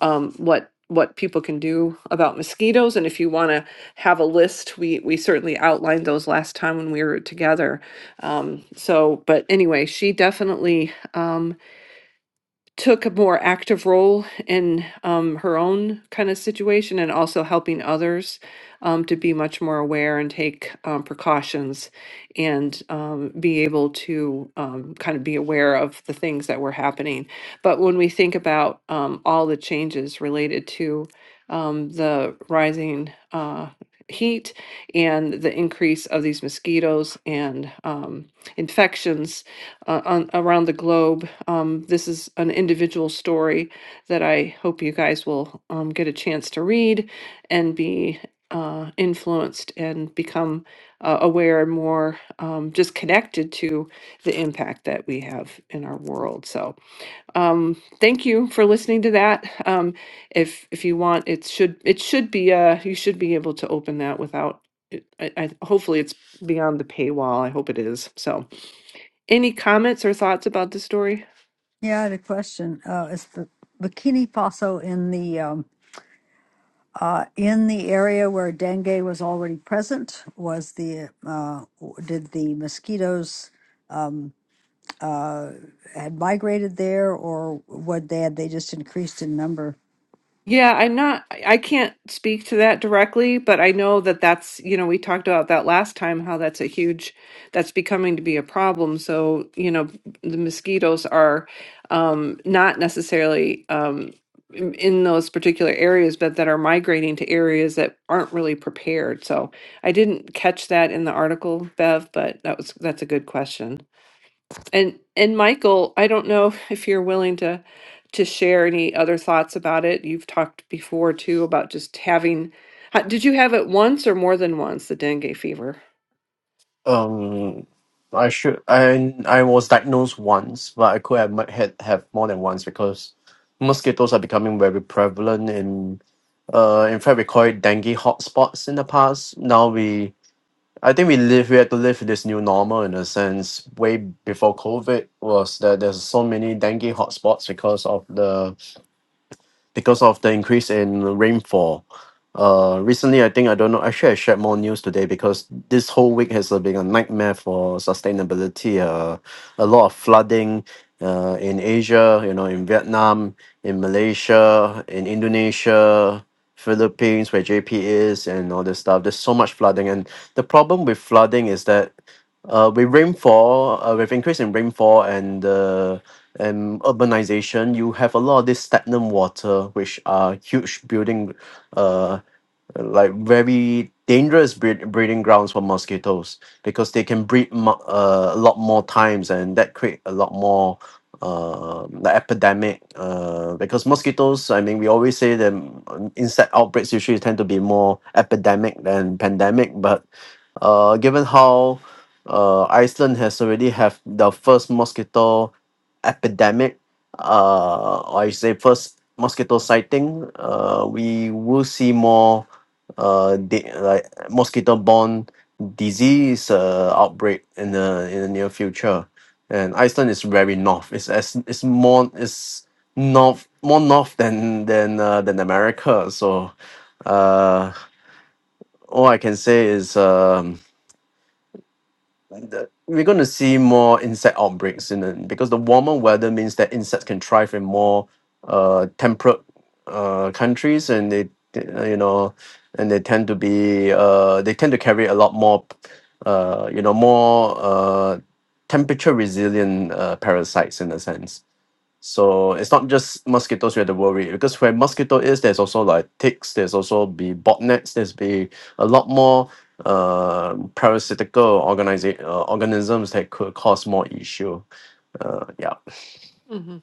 A: um, what what people can do about mosquitoes, and if you want to have a list, we we certainly outlined those last time when we were together. Um, so, but anyway, she definitely. Um, took a more active role in um, her own kind of situation and also helping others um, to be much more aware and take um, precautions and um, be able to um, kind of be aware of the things that were happening. But when we think about um, all the changes related to um, the rising uh, heat and the increase of these mosquitoes and um, infections uh, on, around the globe. Um, this is an individual story that I hope you guys will um, get a chance to read and be uh, influenced and become uh, aware and more um, just connected to the impact that we have in our world. So, um, thank you for listening to that. Um, if if you want, it should it should be uh, you should be able to open that without. It, I, I, hopefully, it's beyond the paywall. I hope it is. So. Any comments or thoughts about the story?
D: Yeah, I had a question. Uh, is the bikini Faso in the um, uh, in the area where dengue was already present? Was the uh, w- did the mosquitoes uh, had migrated there, or what? They had they just increased in number?
A: Yeah, I'm not, I I can't speak to that directly, but I know that that's, you know, we talked about that last time, how that's a huge, that's becoming to be a problem. So, you know, the mosquitoes are um, not necessarily um, in in those particular areas, but that are migrating to areas that aren't really prepared. So I didn't catch that in the article, Bev, but that was, that's a good question. And and Michael, I don't know if you're willing to to share any other thoughts about it. You've talked before too about just having. ha- Did you have it once or more than once, the dengue fever?
H: Um, I should. I I was diagnosed once, but I could have might had have more than once because mosquitoes are becoming very prevalent. In uh, in fact, we call it dengue hotspots in the past. Now we, I think we live. We had to live with this new normal in a sense. Way before COVID was that there's so many dengue hotspots because of the because of the increase in rainfall. Uh, recently, I think I don't know. Actually, I shared more news today because this whole week has uh, been a nightmare for sustainability. Uh, a lot of flooding uh, in Asia, you know, in Vietnam, in Malaysia, in Indonesia, Philippines, where JP is, and all this stuff. There's so much flooding, and the problem with flooding is that uh, with rainfall, uh, with increase in rainfall and uh, and urbanization, you have a lot of this stagnant water, which are huge building, uh, like very dangerous breed, breeding grounds for mosquitoes because they can breed mu- uh, a lot more times and that create a lot more uh, the epidemic uh, because mosquitoes i mean we always say that um, insect outbreaks usually tend to be more epidemic than pandemic but uh, given how uh, Iceland has already have the first mosquito epidemic, uh, or I say first mosquito sighting. Uh, we will see more uh, di- like mosquito-borne disease uh, outbreak in the in the near future. And Iceland is very north. It's as it's more it's north more north than than uh, than America. So uh, all I can say is. Um, the, we're going to see more insect outbreaks in the, because the warmer weather means that insects can thrive in more uh, temperate uh, countries and they they, uh, you know and they tend to be uh, they tend to carry a lot more uh, you know more uh, temperature resilient uh, parasites in a sense so it's not just mosquitoes we have to worry because where mosquito is, there's also like ticks, there's also be botnets, there's be a lot more uh, parasitical organisa- uh, organisms that could cause more issue. Uh, yeah,
A: Mm-hmm.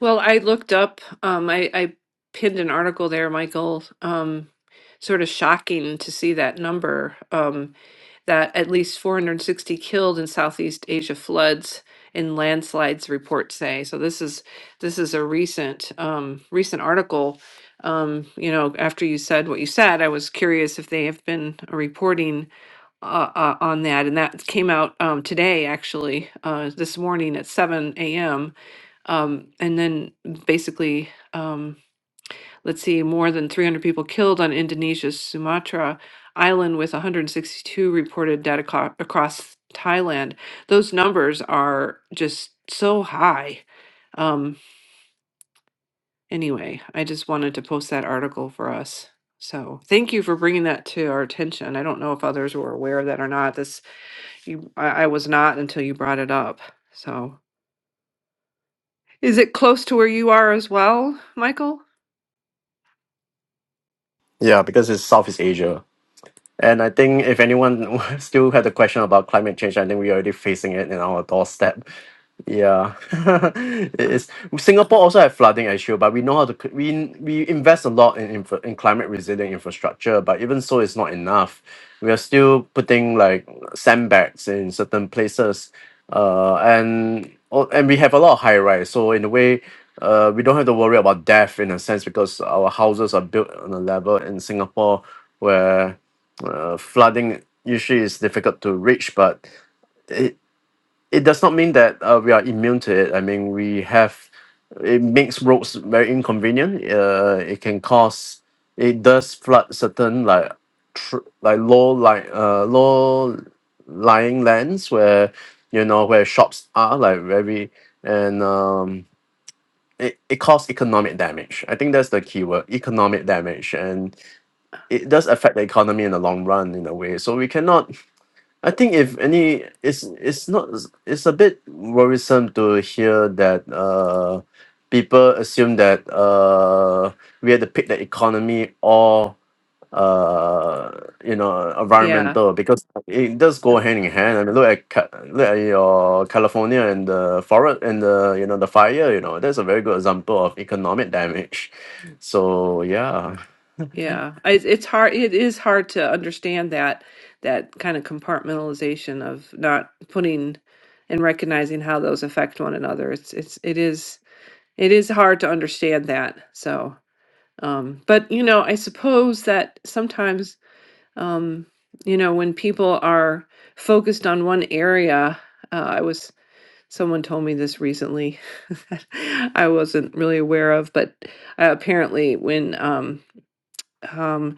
A: Well, I looked up, um, I, I pinned an article there, Michael. Um, sort of shocking to see that number, um, that at least 460 killed in Southeast Asia floods and landslides, reports say. So this is this is a recent um, recent article. Um, you know, after you said what you said, I was curious if they have been reporting uh, uh, on that, and that came out um, today, actually, uh, this morning at 7 a.m um, and then basically, um, let's see, more than 300 people killed on Indonesia's Sumatra island, with 162 reported dead aco- across Thailand. Those numbers are just so high. Um, anyway, I just wanted to post that article for us. So thank you for bringing that to our attention. I don't know if others were aware of that or not. This you, I, I was not until you brought it up. So is it close to where you are as well, Michael?
H: yeah, because it's Southeast Asia. And I think if anyone still had a question about climate change, I think we're already facing it in our doorstep. Yeah, it is. Singapore also have flooding issue, but we know how to c- we we invest a lot in infra, in climate resilient infrastructure. But even so, it's not enough. We are still putting like sandbags in certain places, uh, and oh, and we have a lot of high rise. So in a way, uh, we don't have to worry about death in a sense because our houses are built on a level in Singapore where uh, flooding usually is difficult to reach, but it does not mean that uh, we are immune to it. I mean, we have it makes roads very inconvenient. Uh, it can cause it does flood certain like tr- like low like uh low lying lands where you know where shops are like very and um it, it causes economic damage. I think that's the key word, economic damage. And it does affect the economy in the long run in a way. So we cannot I think if any, it's it's not it's a bit worrisome to hear that uh, people assume that uh, we had to pick the economy or uh, you know
A: Yeah.
H: environmental because it does go hand in hand. I mean, look at Ca- look at your California and the forest and the you know the fire. You know, that's a very good example of economic damage. So yeah,
A: Yeah, I- it's hard. It is hard to understand that that kind of compartmentalization of not putting and recognizing how those affect one another. It's it's it is it is hard to understand that. So, um, but you know, I suppose that sometimes, um, you know, when people are focused on one area, uh, I was someone told me this recently that I wasn't really aware of, but uh, apparently when um, um,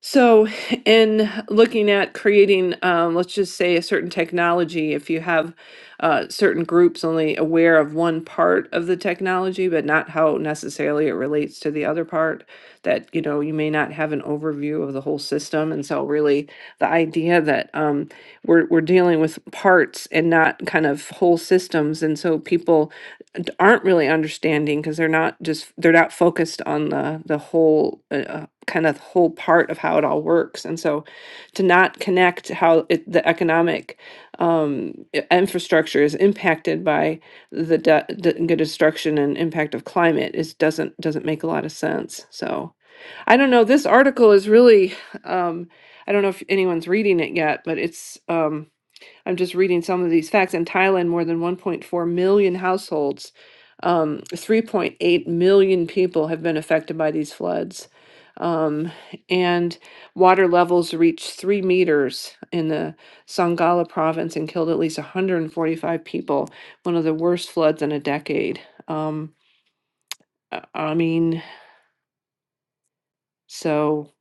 A: so, in looking at creating, um, let's just say a certain technology, if you have uh, certain groups only aware of one part of the technology, but not how necessarily it relates to the other part, that you know you may not have an overview of the whole system. And so, really, the idea that um, we're we're dealing with parts and not kind of whole systems, and so people d- aren't really understanding because they're not just they're not focused on the the whole uh, uh, kind of whole part of how it all works and so to not connect how it, the economic um, i- infrastructure is impacted by the, de- the destruction and impact of climate is doesn't doesn't make a lot of sense so i don't know this article is really um, i don't know if anyone's reading it yet but it's um, I'm just reading some of these facts. In Thailand, more than 1.4 million households, um, 3.8 million people have been affected by these floods. Um, and water levels reached three meters in the Sangala province and killed at least 145 people, one of the worst floods in a decade. Um, I I mean, so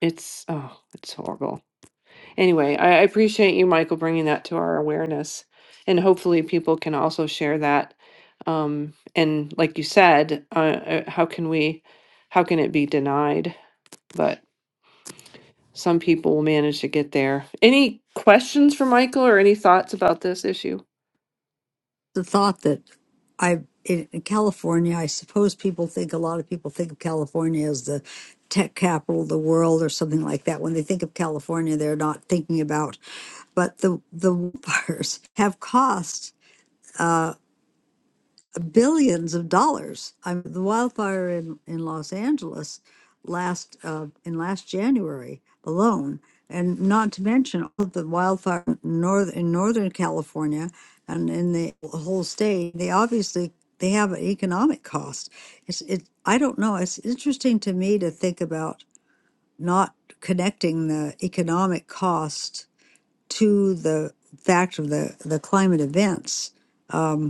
A: it's, oh, it's horrible. anyway, I, I appreciate you, Michael, bringing that to our awareness. And hopefully, people can also share that. Um, and like you said, uh, uh, how can we, how can it be denied? But some people will manage to get there. Any questions for Michael or any thoughts about this issue?
D: the thought that I in, in California, I suppose people think a lot of people think of California as the tech capital of the world or something like that. When they think of California, they're not thinking about, but the the wars have cost billions of dollars. I mean, the wildfire in, in Los Angeles last uh, in last January alone, and not to mention all of the wildfire in north in Northern California and in the whole state. They obviously they have an economic cost. It's it. I don't know. It's interesting to me to think about not connecting the economic cost to the fact of the the climate events Um,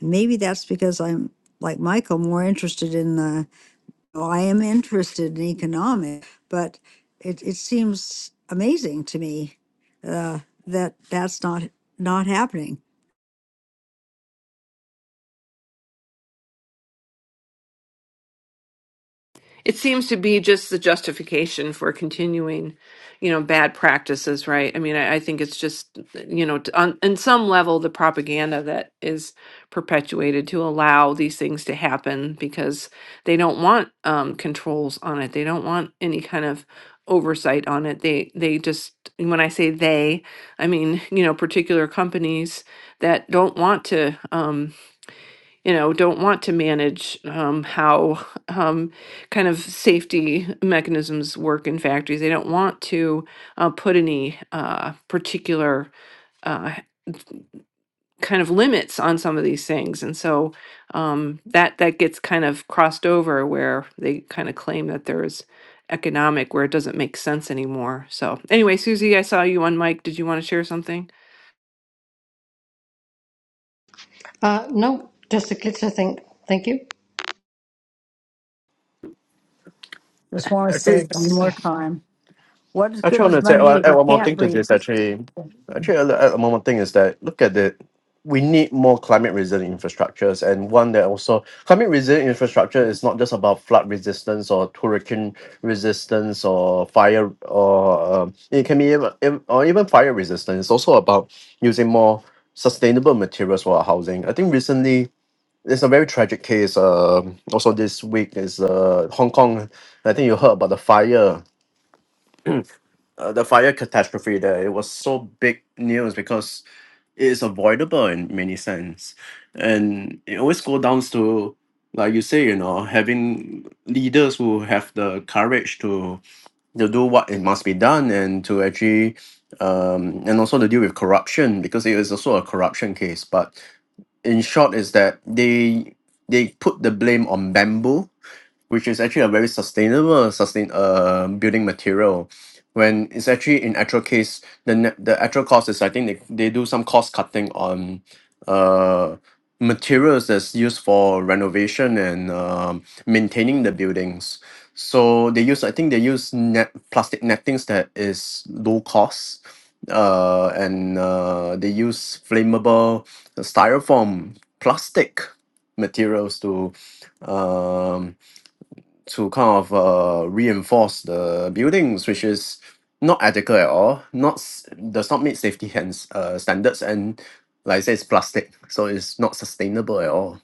D: Maybe that's because I'm like Michael, more interested in the. Well, I am interested in economics, but it it seems amazing to me uh, that that's not not happening.
A: it seems to be just the justification for continuing you know bad practices right i mean i, I think it's just you know t- on, on some level the propaganda that is perpetuated to allow these things to happen because they don't want um, controls on it they don't want any kind of oversight on it they they just and when i say they i mean you know particular companies that don't want to Um, you know, don't want to manage um, how um, kind of safety mechanisms work in factories. They don't want to uh, put any uh, particular uh, kind of limits on some of these things, and so um, that that gets kind of crossed over where they kind of claim that there's economic where it doesn't make sense anymore. So anyway, Susie, I saw you on mic. Did you want to share something?
G: Uh, no, just a glitch, I think. Thank you.
D: Just want to say it
H: Actually,
D: one more time: What is good
H: Actually, I
D: as
H: want to say,
D: money
H: uh,
D: if
H: add
D: you
H: one more
D: can't
H: thing to
D: breathe?
H: this. Actually, actually, I'll add one more thing is that look at it. We need more climate resilient infrastructures, and one that also climate resilient infrastructure is not just about flood resistance or hurricane resistance or fire or um, it can be even, ev- or even fire resistance. It's also about using more sustainable materials for our housing. I think recently it's a very tragic case. Um, also this week is uh, Hong Kong. I think you heard about the fire uh, the fire catastrophe there it was so big news because it is avoidable in many sense and it always go down to like you say you know having leaders who have the courage to to do what it must be done and to actually um and also to deal with corruption because it is also a corruption case but in short is that they they put the blame on bamboo which is actually a very sustainable sustain uh building material when it's actually in actual case the net, the actual cost is I think they, they do some cost cutting on uh materials that's used for renovation and um, maintaining the buildings so they use I think they use net plastic nettings that is low cost uh and uh they use flammable styrofoam plastic materials to um to kind of uh, reinforce the buildings, which is not adequate at all, not s- does not meet safety hands, uh, standards, and like I said, it's plastic, so it's not sustainable at all.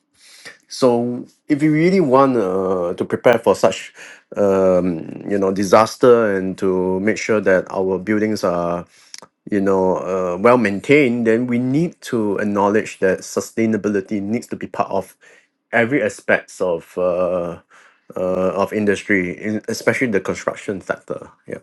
H: So if you really want uh, to prepare for such, um, you know, disaster and to make sure that our buildings are you know, uh, well maintained, then we need to acknowledge that sustainability needs to be part of every aspects of uh, uh, of industry, in, especially the construction sector. Yeah.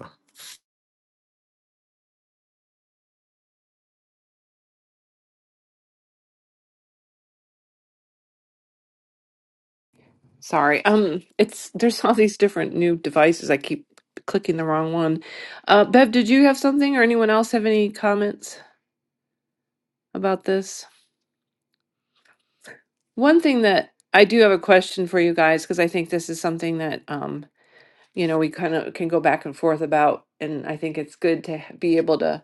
A: Sorry. Um, it's there's all these different new devices. I keep clicking the wrong one. Uh, Bev, did you have something or anyone else have any comments about this? One thing that I do have a question for you guys because I think this is something that um, you know, we kind of can go back and forth about, and I think it's good to be able to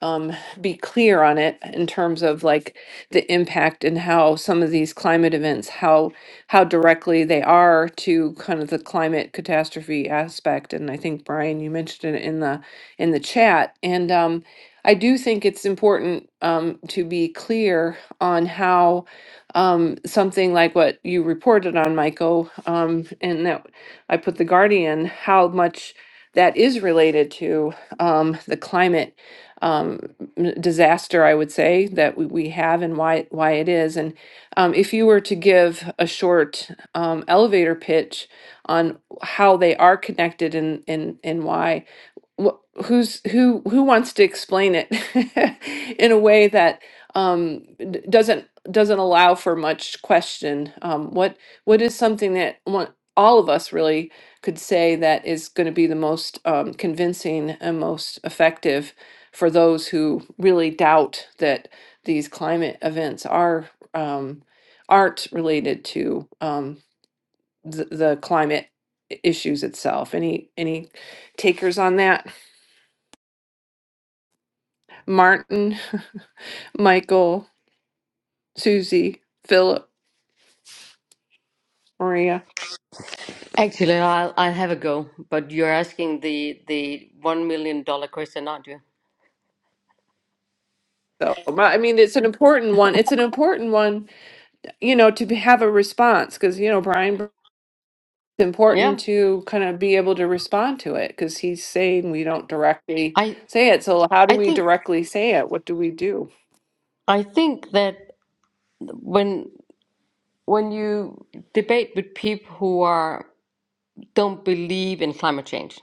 A: um, be clear on it in terms of like the impact and how some of these climate events, how how directly they are to kind of the climate catastrophe aspect. And I think Brian, you mentioned it in the in the chat. And um, I do think it's important um, to be clear on how um, something like what you reported on, Michael, um, and that I put the Guardian, how much that is related to um, the climate um, disaster, I would say, that we, we have and why why it is. And um, if you were to give a short um, elevator pitch on how they are connected and and and why, wh- who's who who wants to explain it in a way that um d- doesn't doesn't allow for much question um what what is something that one, all of us really could say that is going to be the most um, convincing and most effective for those who really doubt that these climate events are um, aren't related to um, the, the climate i- issues itself any any takers on that Martin, Michael, Susie, Philip, Maria.
G: Actually, I'll I'll have a go, but you're asking the the one million dollar question, aren't you?
A: So I mean, it's an important one. It's an important one, you know, to be- have a response because you know Brian. It's important
G: Yeah,
A: to kind of be able to respond to it because he's saying we don't directly
G: I
A: say it. So how do
G: I
A: we
G: think
A: directly say it? What do we do?
G: I think that when when you debate with people who are don't believe in climate change,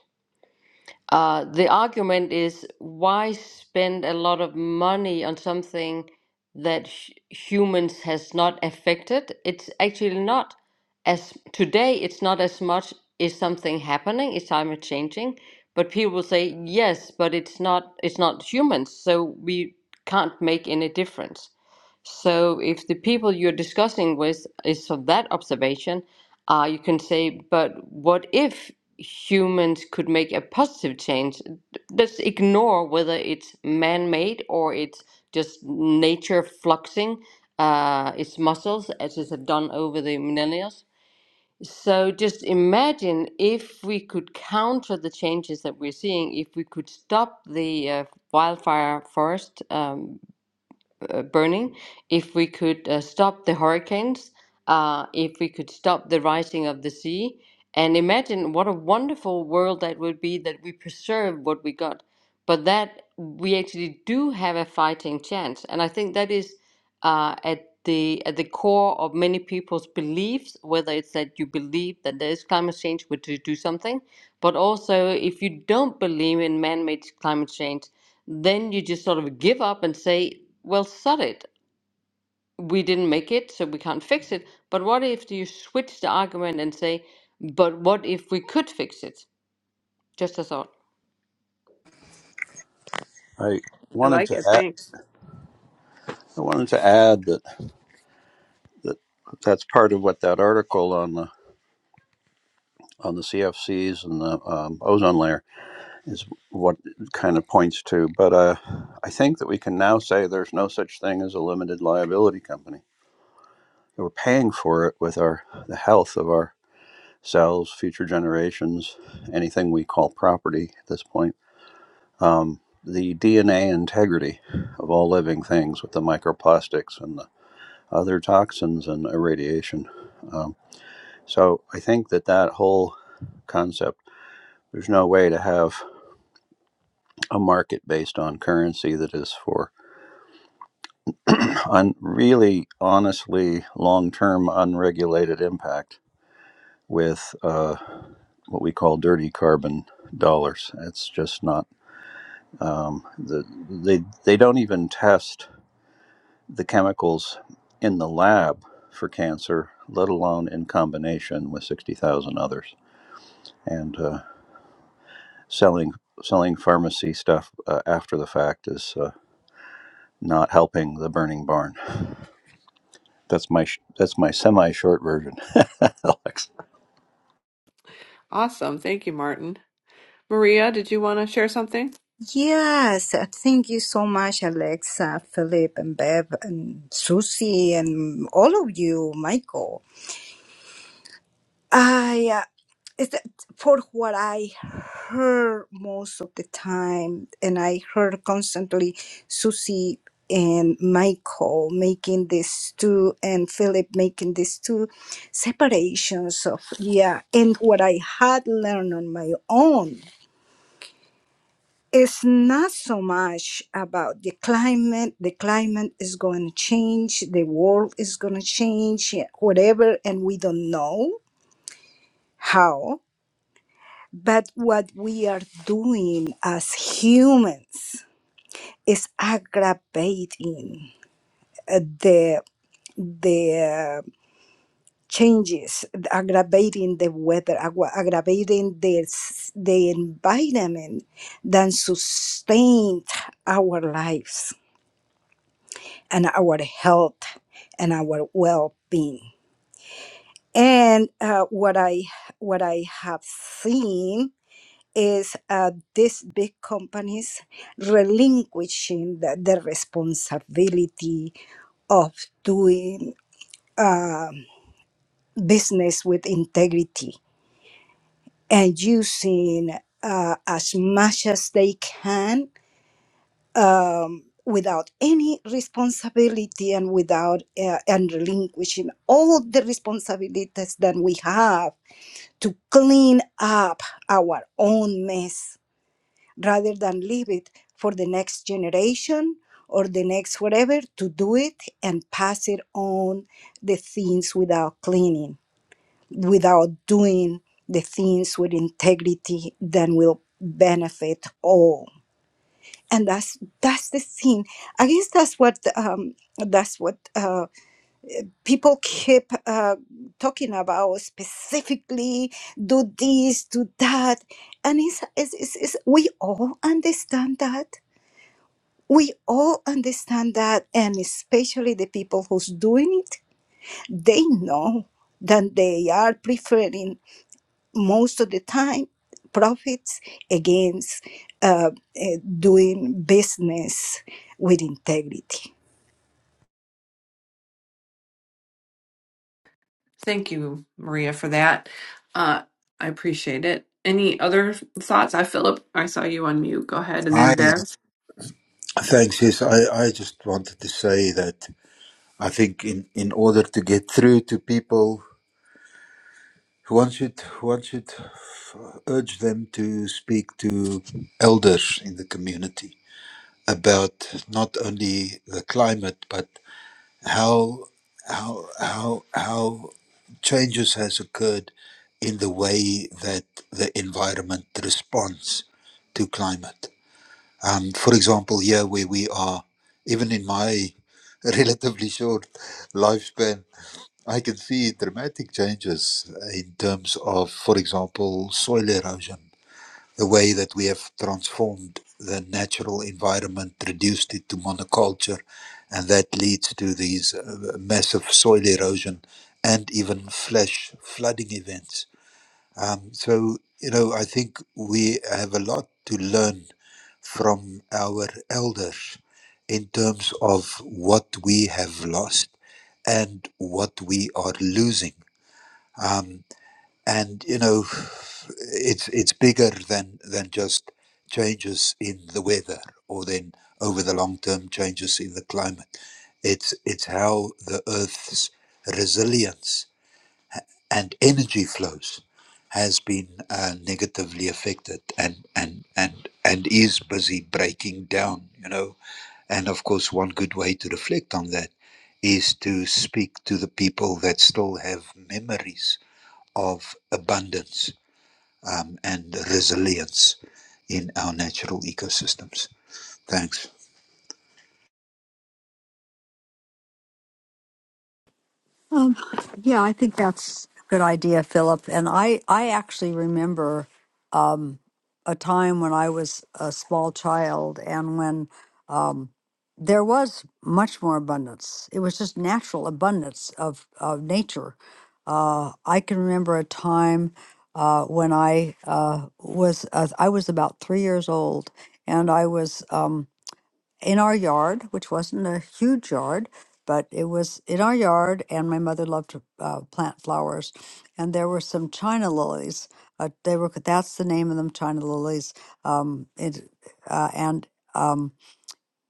G: Uh, the argument is why spend a lot of money on something that sh humans has not affected? It's actually not as today. It's not as much is something happening, is climate changing, but people will say yes, but it's not. It's not humans, so we can't make any difference. So if the people you're discussing with is of that observation, uh, you can say, but what if humans could make a positive change? Let's ignore whether it's man made or it's just nature fluxing uh, its muscles as it's done over the millennia. So just imagine if we could counter the changes that we're seeing, if we could stop the uh, wildfire forest um, uh, burning, if we could uh, stop the hurricanes, uh, if we could stop the rising of the sea, and imagine what a wonderful world that would be that we preserve what we got, but that we actually do have a fighting chance, and I think that is uh, at the at the core of many people's beliefs, whether it's that you believe that there is climate change, which you do something, but also if you don't believe in man-made climate change, then you just sort of give up and say, well, sod it. We didn't make it, so we can't fix it. But what if you switch the argument and say, but what if we could fix it? Just a thought.
I: I
A: I
I: wanted
A: like
I: to
A: it.
I: add,
A: Thanks.
I: I wanted to add that, that that's part of what that article on the on the CFCs and the um, ozone layer is what it kind of points to. But uh, I think that we can now say there's no such thing as a limited liability company. We're paying for it with our the health of our cells, future generations, anything we call property at this point. Um, the DNA integrity of all living things with the microplastics and the other toxins and irradiation. Um, so I think that that whole concept, there's no way to have a market based on currency that is for un- really, honestly, long term unregulated impact with uh, what we call dirty carbon dollars. It's just not um, the they they don't even test the chemicals in the lab for cancer, let alone in combination with sixty thousand others. and uh, selling selling pharmacy stuff uh, after the fact is uh, not helping the burning barn. That's my sh- that's my semi short version. Alex,
A: Awesome. Thank you, Martin. Maria, did you want to share something?
J: Yes, uh, thank you so much, Alexa, Philip, and Bev, and Susie, and all of you, Michael. I, uh, is that for what I heard most of the time, and I heard constantly Susie and Michael making these two, and Philip making these two separations of, yeah, and what I had learned on my own it's not so much about the climate the climate is going to change the world is going to change whatever and we don't know how but what we are doing as humans is aggravating uh, the the uh, changes aggravating the weather aggra- aggravating the s- the environment that sustain our lives and our health and our well-being. And uh, what I what I have seen is uh, these big companies relinquishing the, the responsibility of doing um, business with integrity and using uh, as much as they can um, without any responsibility and without uh, and relinquishing all the responsibilities that we have to clean up our own mess rather than leave it for the next generation or the next whatever to do it and pass it on the things without cleaning without doing the things with integrity that will benefit all and that's that's the thing i guess that's what um that's what uh people keep uh talking about specifically do this do that and it's, it's, it's, it's we all understand that we all understand that and especially the people who's doing it they know that they are preferring most of the time profits against uh, uh, doing business with integrity.
A: Thank you, Maria, for that. Uh, I appreciate it. Any other thoughts? I, Philip, I saw you on mute. Go ahead, and
B: I
A: then Bev.
B: thanks. Yes, I I just wanted to say that I think in in order to get through to people, one should one should urge them to speak to elders in the community about not only the climate but how how how how changes has occurred in the way that the environment responds to climate. Um, for example, here where we are, even in my relatively short lifespan, I can see dramatic changes in terms of, for example, soil erosion the way that we have transformed the natural environment, reduced it to monoculture, and that leads to these uh, massive soil erosion and even flash flooding events. Um, so, you know, I think we have a lot to learn from our elders in terms of what we have lost and what we are losing. Um, and you know it's it's bigger than than just changes in the weather or then over the long term changes in the climate it's it's how the earth's resilience and energy flows has been uh, negatively affected and and and and is busy breaking down you know and of course one good way to reflect on that is to speak to the people that still have memories of abundance um, and resilience in our natural ecosystems. Thanks.
D: Um, yeah, I think that's a good idea, Philip. And I, I actually remember um, a time when I was a small child and when um, there was much more abundance. It was just natural abundance of, of nature. Uh, I can remember a time uh, when I uh, was uh, I was about three years old, and I was um, in our yard, which wasn't a huge yard, but it was in our yard. And my mother loved to uh, plant flowers, and there were some China lilies. Uh, they were that's the name of them, China lilies. Um, it, uh, and um,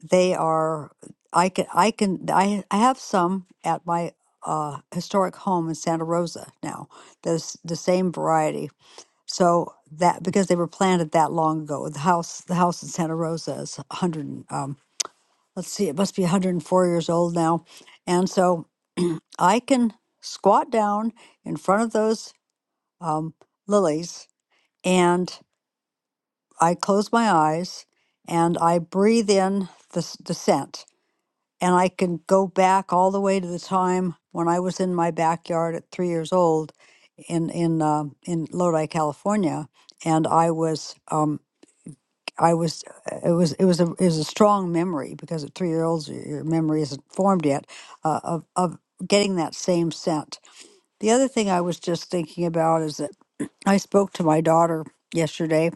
D: they are. I can I can I I have some at my uh, historic home in Santa Rosa now. There's the same variety. So that because they were planted that long ago, the house the house in Santa Rosa is 100. and um let's see, it must be 104 years old now. And so I can squat down in front of those um, lilies and I close my eyes and I breathe in the, the scent. And I can go back all the way to the time when I was in my backyard at three years old in in um in Lodi, California, and I was um, I was uh, it was it was a it was a strong memory because at three year olds y- your memory isn't formed yet uh, of of getting that same scent. The other thing I was just thinking about is that I spoke to my daughter yesterday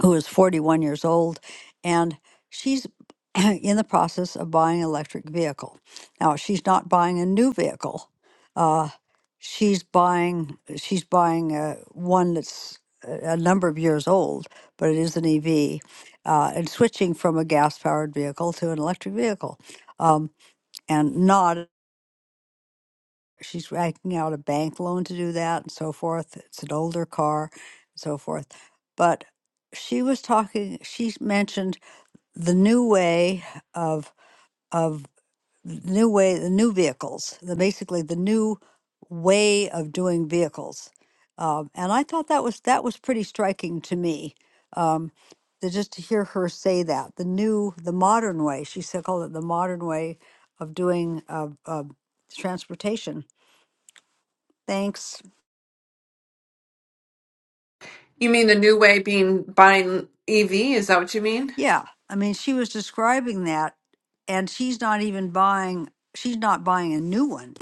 D: who is 41 years old, and she's in the process of buying an electric vehicle. Now, she's not buying a new vehicle. Uh, she's buying she's buying a, one that's a a number of years old, but it is an EV, uh, and switching from a gas-powered vehicle to an electric vehicle, um, and not she's racking out a bank loan to do that and so forth. It's an older car and so forth. But she was talking, she mentioned the new way of, of the new way, the new vehicles, the, basically the new way of doing vehicles. Um, and I thought that was, that was pretty striking to me. Um, to just to hear her say that the new, the modern way, she said, called it the modern way of doing, of, of transportation. Thanks.
A: You mean the new way being buying EV? Is that what you mean?
D: Yeah, I mean, she was describing that, and she's not even buying, she's not buying a new one.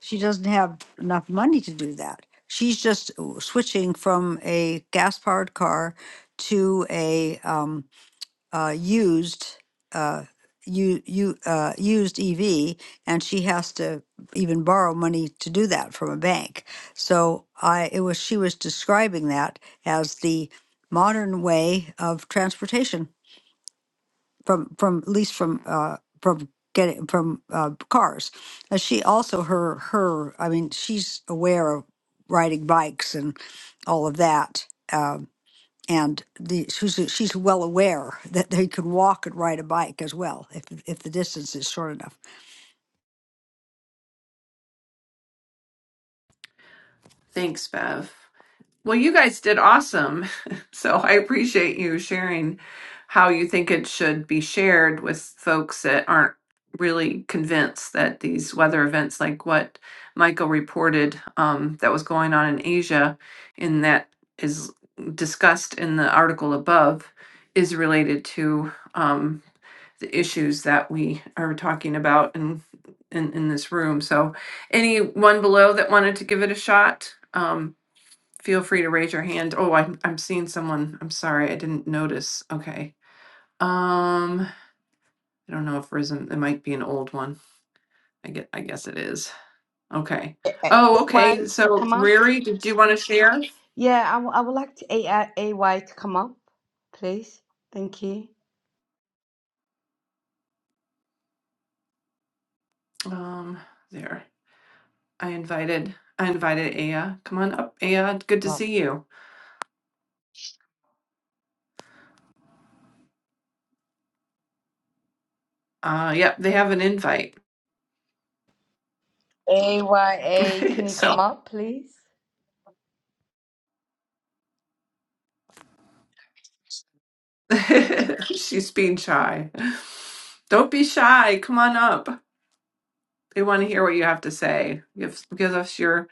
D: She doesn't have enough money to do that. She's just w- switching from a gas powered car to a um, uh, used. Uh, you you uh used EV and she has to even borrow money to do that from a bank. So I it was she was describing that as the modern way of transportation from from at least from uh from getting from uh cars Uh, she also her her i mean she's aware of riding bikes and all of that um and the she's she's well aware that they could walk and ride a bike as well if if the distance is short enough
A: Thanks, Bev. Well, you guys did awesome. So I appreciate you sharing how you think it should be shared with folks that aren't really convinced that these weather events, like what Michael reported um, that was going on in Asia, and that is discussed in the article above, is related to um, the issues that we are talking about in, in, in this room. So, anyone below that wanted to give it a shot? um, Feel free to raise your hand. Oh, I'm, I'm seeing someone. I'm sorry, I didn't notice. Okay. Um, I don't know if Risen, it might be an old one. I get, I guess it is. Okay. Oh,
K: AY
A: okay.
K: can
A: So
K: come up.
A: Riri, did you want to share?
K: Yeah, I w- I would like to AI, AY to come up, please. Thank you.
A: Um, there. I invited, I invited Aya. Come on up, Aya. Good to
K: Um,
A: see you. Uh, yep, they have an invite.
K: AYA, can you come
A: So
K: up, please?
A: she's being shy. Don't be shy. Come on up. They want to hear what you have to say. Give give us your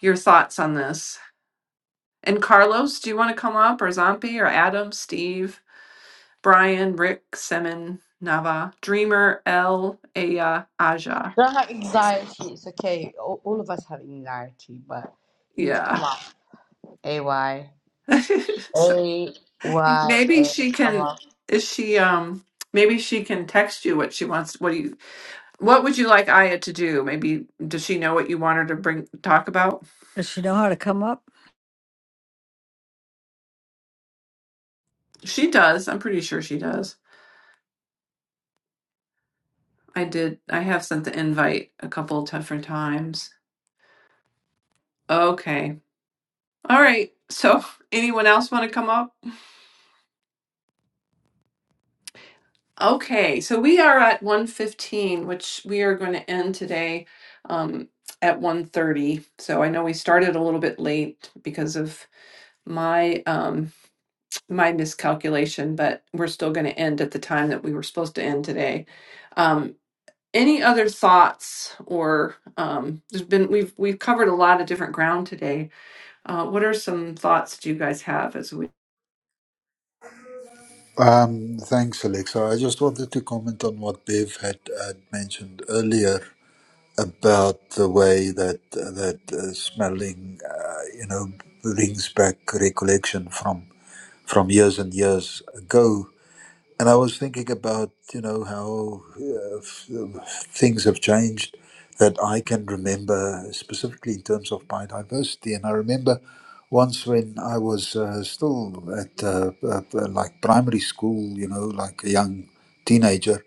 A: your thoughts on this. And Carlos, do you want to come up or Zombie or Adam, Steve, Brian, Rick, Simon, Nava, Dreamer, L, Aya, Aja?
K: Don't have anxiety. It's okay. All, all of us have anxiety, but you need to come
A: Yeah.
K: up. A Y A
A: so
K: Y A,
A: maybe she
K: come up.
A: can. Is she um? Maybe she can text you what she wants. What do you? What would you like Aya to do? Maybe does she know what you want her to bring talk about?
D: does she know how to come up
A: She does. I'm pretty sure she does. I did. I have sent the invite a couple different times. Okay. All right. So, anyone else want to come up? Okay. So we are at 115, which we are going to end today um, at 130. So I know we started a little bit late because of my um, my miscalculation, but we're still going to end at the time that we were supposed to end today. Um, any other thoughts or um, there's been we've we've covered a lot of different ground today Uh, what are some thoughts do you guys have as we?
B: Um, thanks, Alexa. I just wanted to comment on what Bev had, had mentioned earlier about the way that that uh, smelling, uh, you know, brings back recollection from from years and years ago And I was thinking about, you know, how uh, f- uh, things have changed that I can remember, specifically in terms of biodiversity. And I remember once when I was uh, still at uh, uh, uh, like primary school, you know, like a young teenager,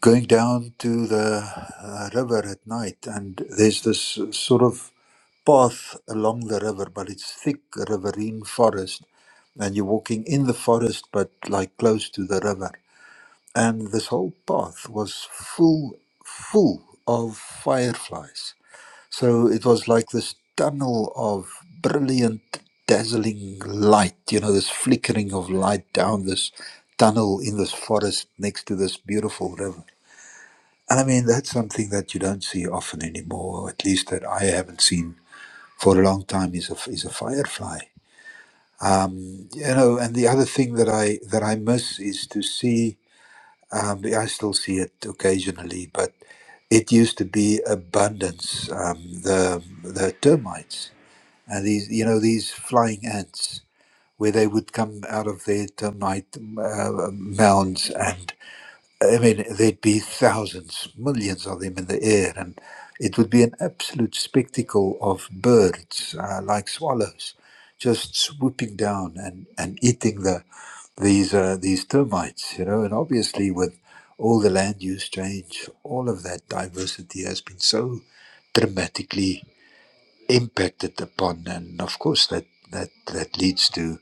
B: going down to the uh, river at night. And there's this sort of path along the river, but it's thick riverine forest. And you're walking in the forest, but like close to the river and this whole path was full full of fireflies so it was like this tunnel of brilliant dazzling light you know this flickering of light down this tunnel in this forest next to this beautiful river and i mean that's something that you don't see often anymore or at least that i haven't seen for a long time is a is a firefly um you know and the other thing that i that i miss is to see um, yeah, I still see it occasionally, but it used to be abundance. Um, the the termites and these, you know, these flying ants, where they would come out of their termite uh, mounds and I mean, there'd be thousands, millions of them in the air, and it would be an absolute spectacle of birds uh, like swallows just swooping down and, and eating the these uh, these termites, you know. And obviously, with all the land use change, all of that diversity has been so dramatically impacted upon, and of course, that that that leads to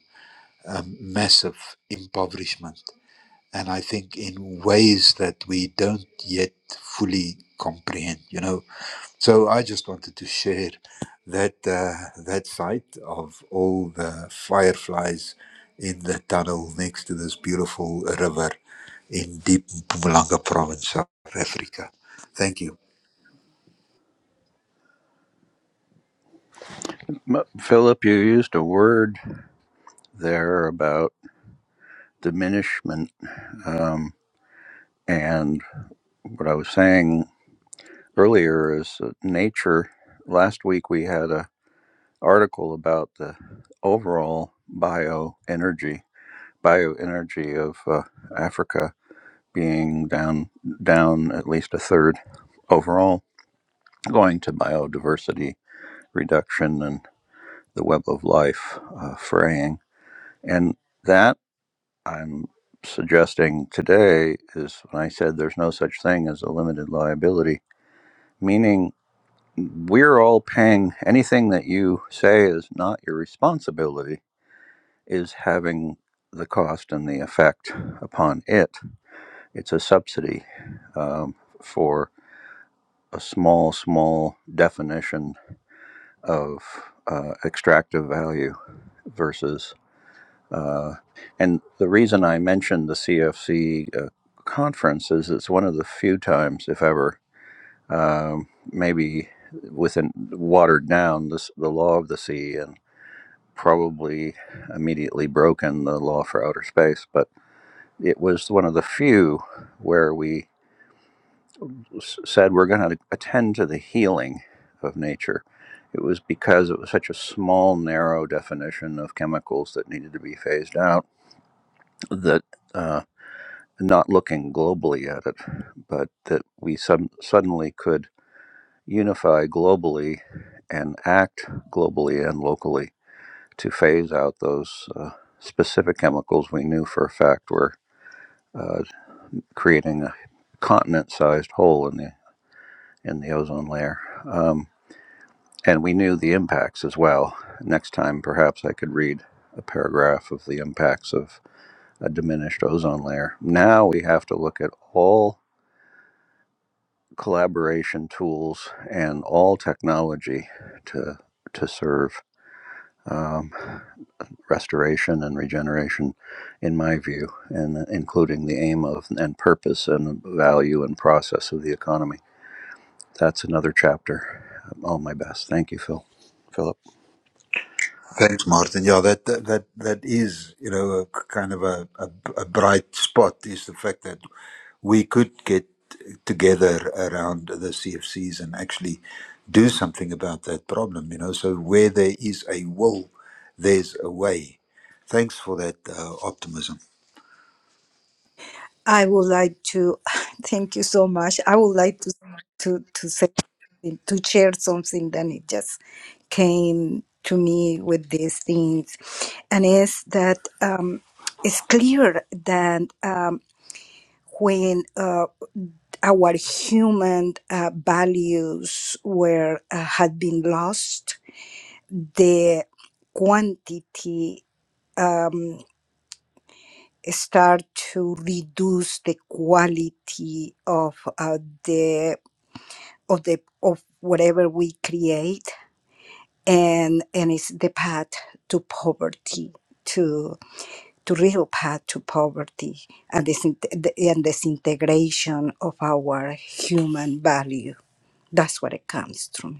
B: um, massive impoverishment and I think in ways that we don't yet fully comprehend. You know, so I just wanted to share that uh, that sight of all the fireflies in the tunnel next to this beautiful river in deep Mpumalanga province, South Africa. Thank you.
I: M- Philip, you used a word there about diminishment, um, and what I was saying earlier is that nature. Last week we had a article about the overall bioenergy bioenergy of uh, Africa being down down at least a third overall, going to biodiversity reduction and the web of life uh, fraying. And that I'm suggesting today is when I said there's no such thing as a limited liability, meaning we're all paying anything that you say is not your responsibility is having the cost and the effect upon it. It's a subsidy um, for a small, small definition of uh, extractive value versus. Uh, and the reason I mentioned the CFC uh, conference is it's one of the few times, if ever, um, maybe within watered down this, the law of the sea and probably immediately broken the law for outer space, but it was one of the few where we said we're going to attend to the healing of nature. It was because it was such a small, narrow definition of chemicals that needed to be phased out that uh, not looking globally at it, but that we sud- suddenly could unify globally and act globally and locally to phase out those uh, specific chemicals we knew for a fact were uh, creating a continent-sized hole in the in the ozone layer. Um, And we knew the impacts as well. Next time, perhaps I could read a paragraph of the impacts of a diminished ozone layer. Now we have to look at all collaboration tools and all technology to, to serve um, restoration and regeneration, in my view, and including the aim of and purpose and value and process of the economy. That's another chapter. All my best. Thank you, Phil. Philip.
B: Thanks, Martin. Yeah, that that that, that is you know a, k- kind of a, a, a bright spot is the fact that we could get together around the CFCs and actually do something about that problem, you know. So where there is a will, there's a way. Thanks for that uh, optimism.
J: I would like to thank you so much. I would like to to to say to share something that it just came to me with these things, and is that um, it's clear that um, when uh, our human uh, values were uh, had been lost the quantity um, start to reduce the quality of uh, the of the of whatever we create and and it's the path to poverty to to real path to poverty and this and disintegration of our human value that's what it comes from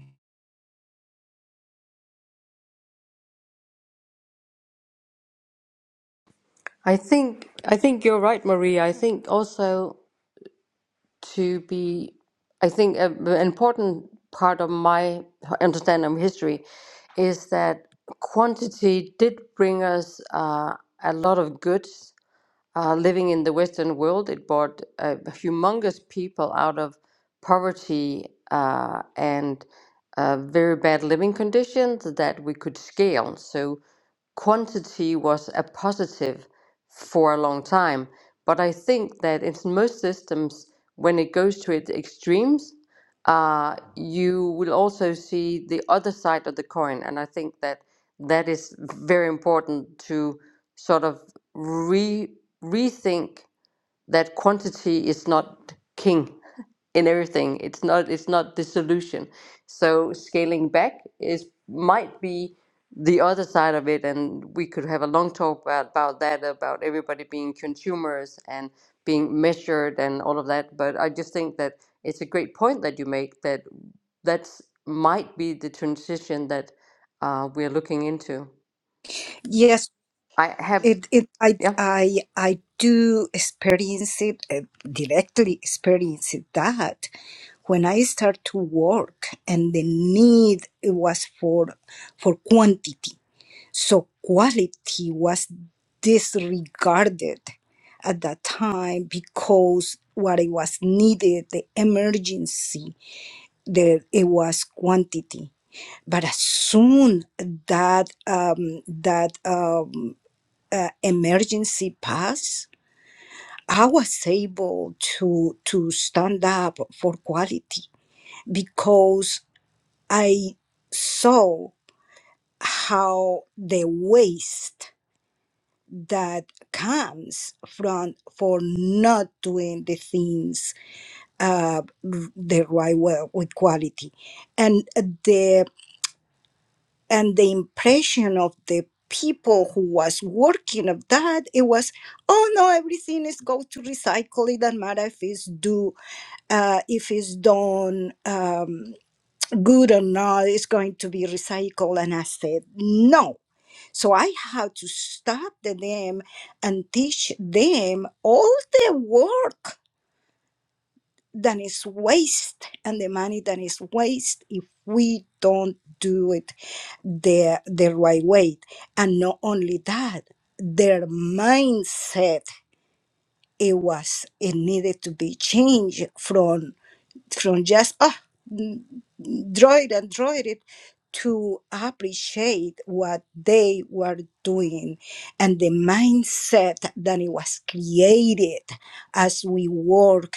G: I think I think you're right, Maria. I think also. to be, I think, a, an important part of my understanding of history is that quantity did bring us uh, a lot of goods uh, living in the Western world. It brought uh, humongous people out of poverty uh, and uh, very bad living conditions that we could scale. So quantity was a positive for a long time. But I think that in most systems, when it goes to its extremes, uh, you will also see the other side of the coin. And I think that that is very important to sort of re rethink that quantity is not king in everything. It's not it's not the solution. So scaling back is might be the other side of it, and we could have a long talk about, about that, about everybody being consumers and being measured and all of that. But I just think that it's a great point that you make that that's might be the transition that uh, we're looking into. I have,
J: It, it, I,
G: yeah.
J: I, I do experience it, uh, directly experience it, that when I start to work and the need it was for, for quantity. So quality was disregarded at that time because what it was needed, the emergency, there it was quantity. But as soon that um, that um uh, emergency pass, I was able to to stand up for quality because I saw how the waste that comes from for not doing the things uh, the right way with quality, and the and the impression of the people who was working of that it was oh no everything is go to recycle it doesn't matter if it's do uh, if it's done um, good or not it's going to be recycled and i said no so i had to stop the them and teach them all the work that is waste and the money that is waste if we don't do it the the right way and not only that their mindset it was it needed to be changed from from just oh mm, draw it and draw it to appreciate what they were doing and the mindset that it was created as we work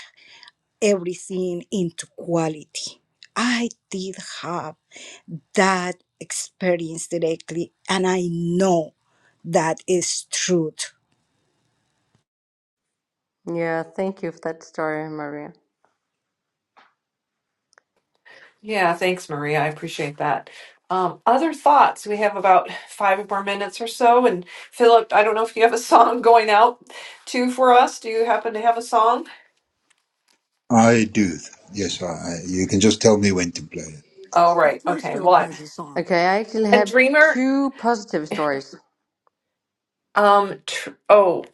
J: everything into quality. I did have that experience directly, and I know that is truth.
G: Yeah, thank you for that story, Maria.
A: Yeah, thanks, Maria. I appreciate that. Um, other thoughts? We have about five more minutes or so. And Philip, I don't know if you have a song going out too for us. Do you happen to have a song?
B: I do. Yes, I, I, you can just tell me when to play it.
A: Oh,
D: Of
A: right.
D: course,
A: Okay.
D: Field
A: Well, I,
D: has a song
G: Okay, I actually
A: and
G: have
A: Dreamer.
G: two positive stories.
A: Um. Tr- oh,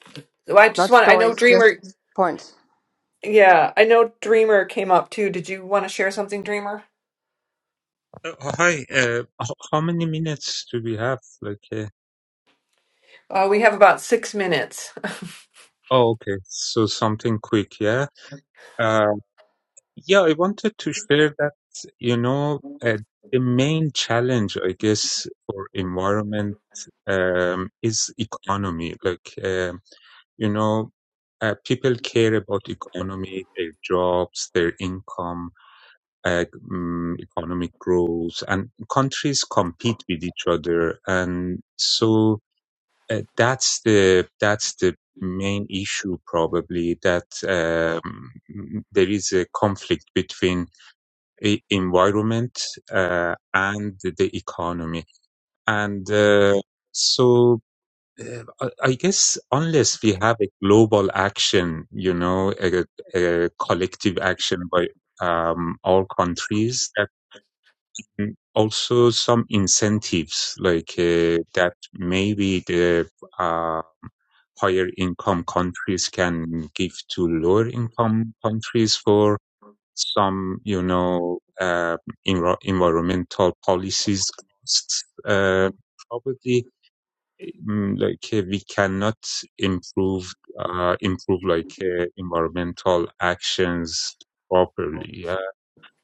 A: I just
G: Not
A: want. I know
G: stories,
A: Dreamer.
G: just points.
A: Yeah, I know Dreamer came up too. Did you want to share something, Dreamer?
L: Uh, hi, uh, h- how many minutes do we have? Like, uh,
A: Uh, we have about six minutes.
L: oh, okay, so something quick, yeah? Uh, yeah, I wanted to share that, you know, uh, the main challenge, I guess, for environment um, is economy. Like, um you know, uh, people care about economy, their jobs, their income, uh, um, economic growth, and countries compete with each other. And so, Uh, that's the that's the main issue probably that um, there is a conflict between e- environment uh, and the economy and uh, so uh, I I guess unless we have a global action, you know, a, a collective action by um, all countries, that also some incentives like uh, that maybe the uh, higher income countries can give to lower income countries for some, you know, uh, enro- environmental policies costs. Uh, probably, mm, like uh, we cannot improve, uh, improve like uh, environmental actions properly. Yeah.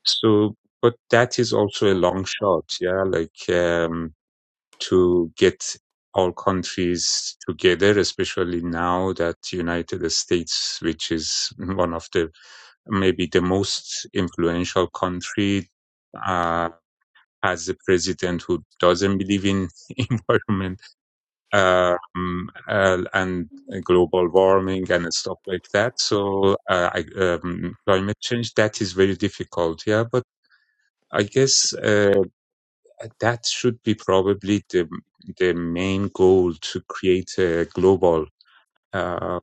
L: So, but that is also a long shot. Yeah, like. Um, to get all countries together, especially now that United States, which is one of the maybe the most influential country, uh, has a president who doesn't believe in environment uh, um, uh, and global warming and stuff like that. So uh, I, um, climate change that is very difficult. Yeah, but I guess. Uh, that should be probably the the main goal to create a global uh,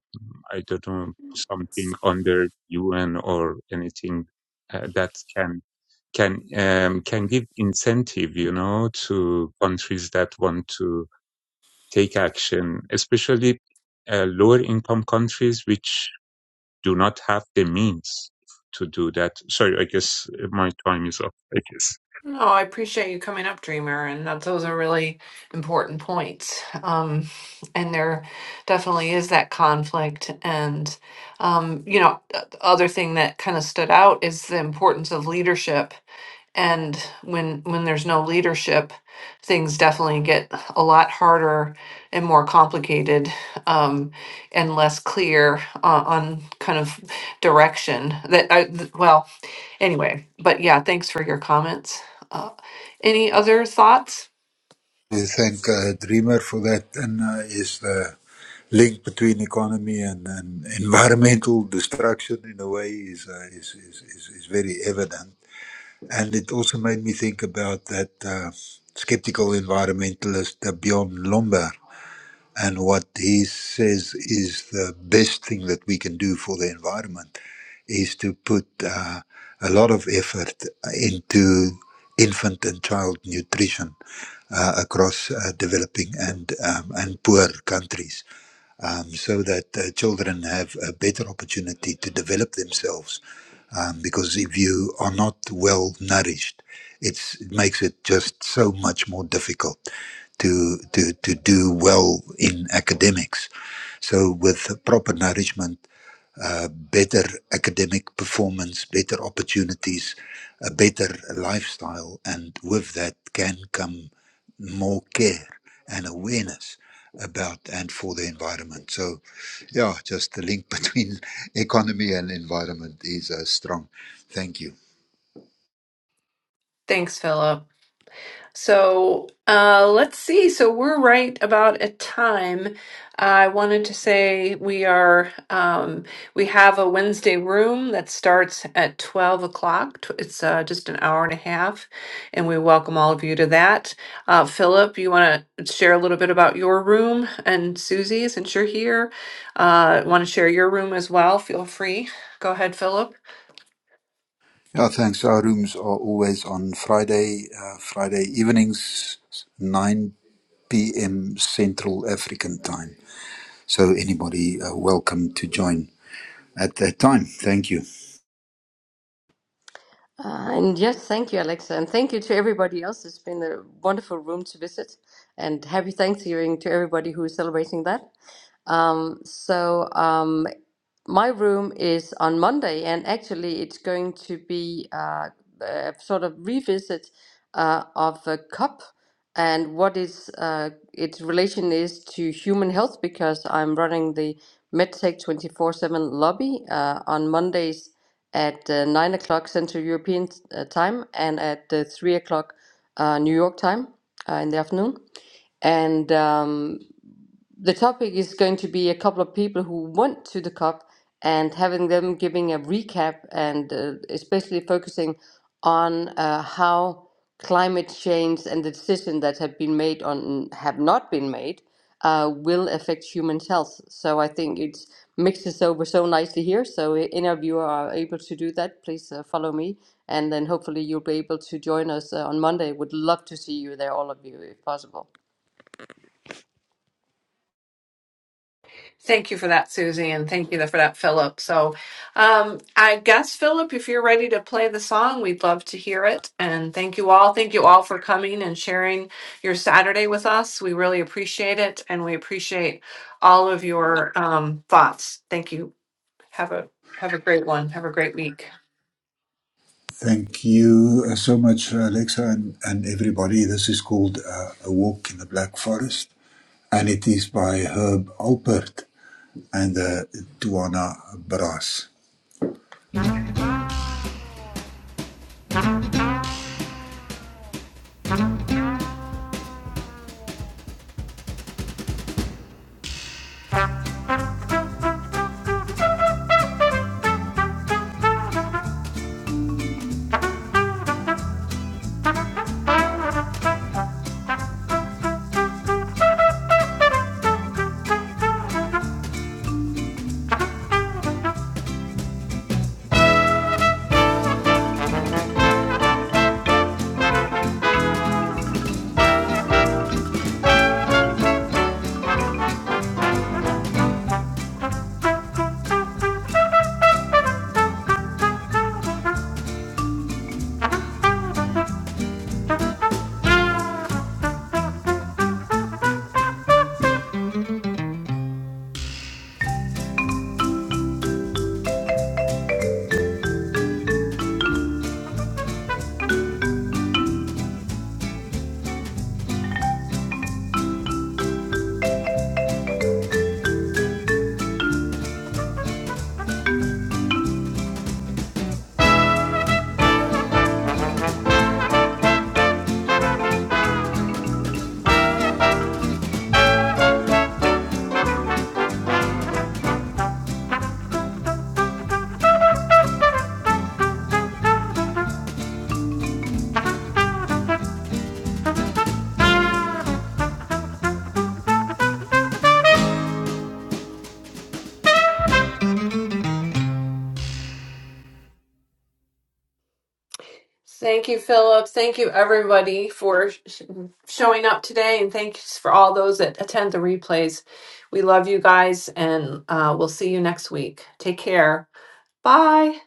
L: I don't know something under UN or anything uh, that can can um, can give incentive you know to countries that want to take action especially uh, lower income countries which do not have the means to do that sorry I guess my time is up I guess
A: No, I appreciate you coming up, Dreamer, and that those are really important points. Um, and there definitely is that conflict. And, um, you know, the the other thing that kind of stood out is the importance of leadership. And when when there's no leadership, things definitely get a lot harder and more complicated um, and less clear uh, on kind of direction. That I, th- well, Anyway, but yeah, thanks for your comments. Uh, any other thoughts?
B: We thank uh, Dreamer for that, and uh, is the link between economy and, and environmental destruction in a way is, uh, is, is, is, is very evident And it also made me think about that uh, skeptical environmentalist uh, Bjorn Lomberg and what he says is the best thing that we can do for the environment is to put uh, a lot of effort into infant and child nutrition uh, across uh, developing and um, and poor countries um, so that uh, children have a better opportunity to develop themselves. Um, because if you are not well nourished, it's, it makes it just so much more difficult to, to, to do well in academics. So, with proper nourishment, uh, better academic performance, better opportunities, a better lifestyle, and with that can come more care and awareness about and for the environment. So, yeah, just the link between economy and environment is uh, strong. Thank you.
A: Thanks, Philip. So uh, let's see. So we're right about a time. uh, I wanted to say we are um, we have a Wednesday room that starts at twelve o'clock. Tw- It's uh, just an hour and a half, and we welcome all of you to that. Uh, Philip, you want to share a little bit about your room and Susie, since you're here, uh, want to share your room as well? Feel free. Go ahead, Philip.
B: Yeah, thanks. Our rooms are always on Friday, uh, Friday evenings, 9 p.m. Central African time. So anybody uh, welcome to join. at that time. Thank you.
G: Uh, and yes, thank you, Alexa. And thank you to everybody else. It's been a wonderful room to visit. And happy Thanksgiving to everybody who is celebrating that. Um, so um, my room is on Monday, and actually, it's going to be uh, a sort of revisit uh, of a cup and what is uh, its relation is to human health because I'm running the MedTech 24/7 lobby uh, on Mondays at uh, nine o'clock Central European uh, time and at uh, three o'clock uh, New York time uh, in the afternoon. And um, the topic is going to be a couple of people who went to the COP and having them giving a recap and uh, especially focusing on uh, how climate change and the decisions that have been made on have not been made uh, will affect human health. So I think it's mixes over so nicely here. So i- any of you are able to do that, please uh, follow me, and then hopefully you'll be able to join us uh, on Monday. Would love to see you there, all of you, if possible.
A: Thank you for that, Susie, and thank you for that, Philip. So, um, I guess, Philip, if you're ready to play the song, we'd love to hear it. And thank you all. Thank you all for coming and sharing your Saturday with us. We really appreciate it, and we appreciate all of your um, thoughts. Thank you. Have a have a great one. Have a great week.
B: Thank you uh, so much, Alexa, and, and everybody. This is called uh, A Walk in the Black Forest, and it is by Herb Alpert and uh, Duana Brass.
A: Thank you, Philip. Thank you, everybody, for sh- showing up today. And thanks for all those that attend the replays. We love you guys, and uh, we'll see you next week. Take care. Bye.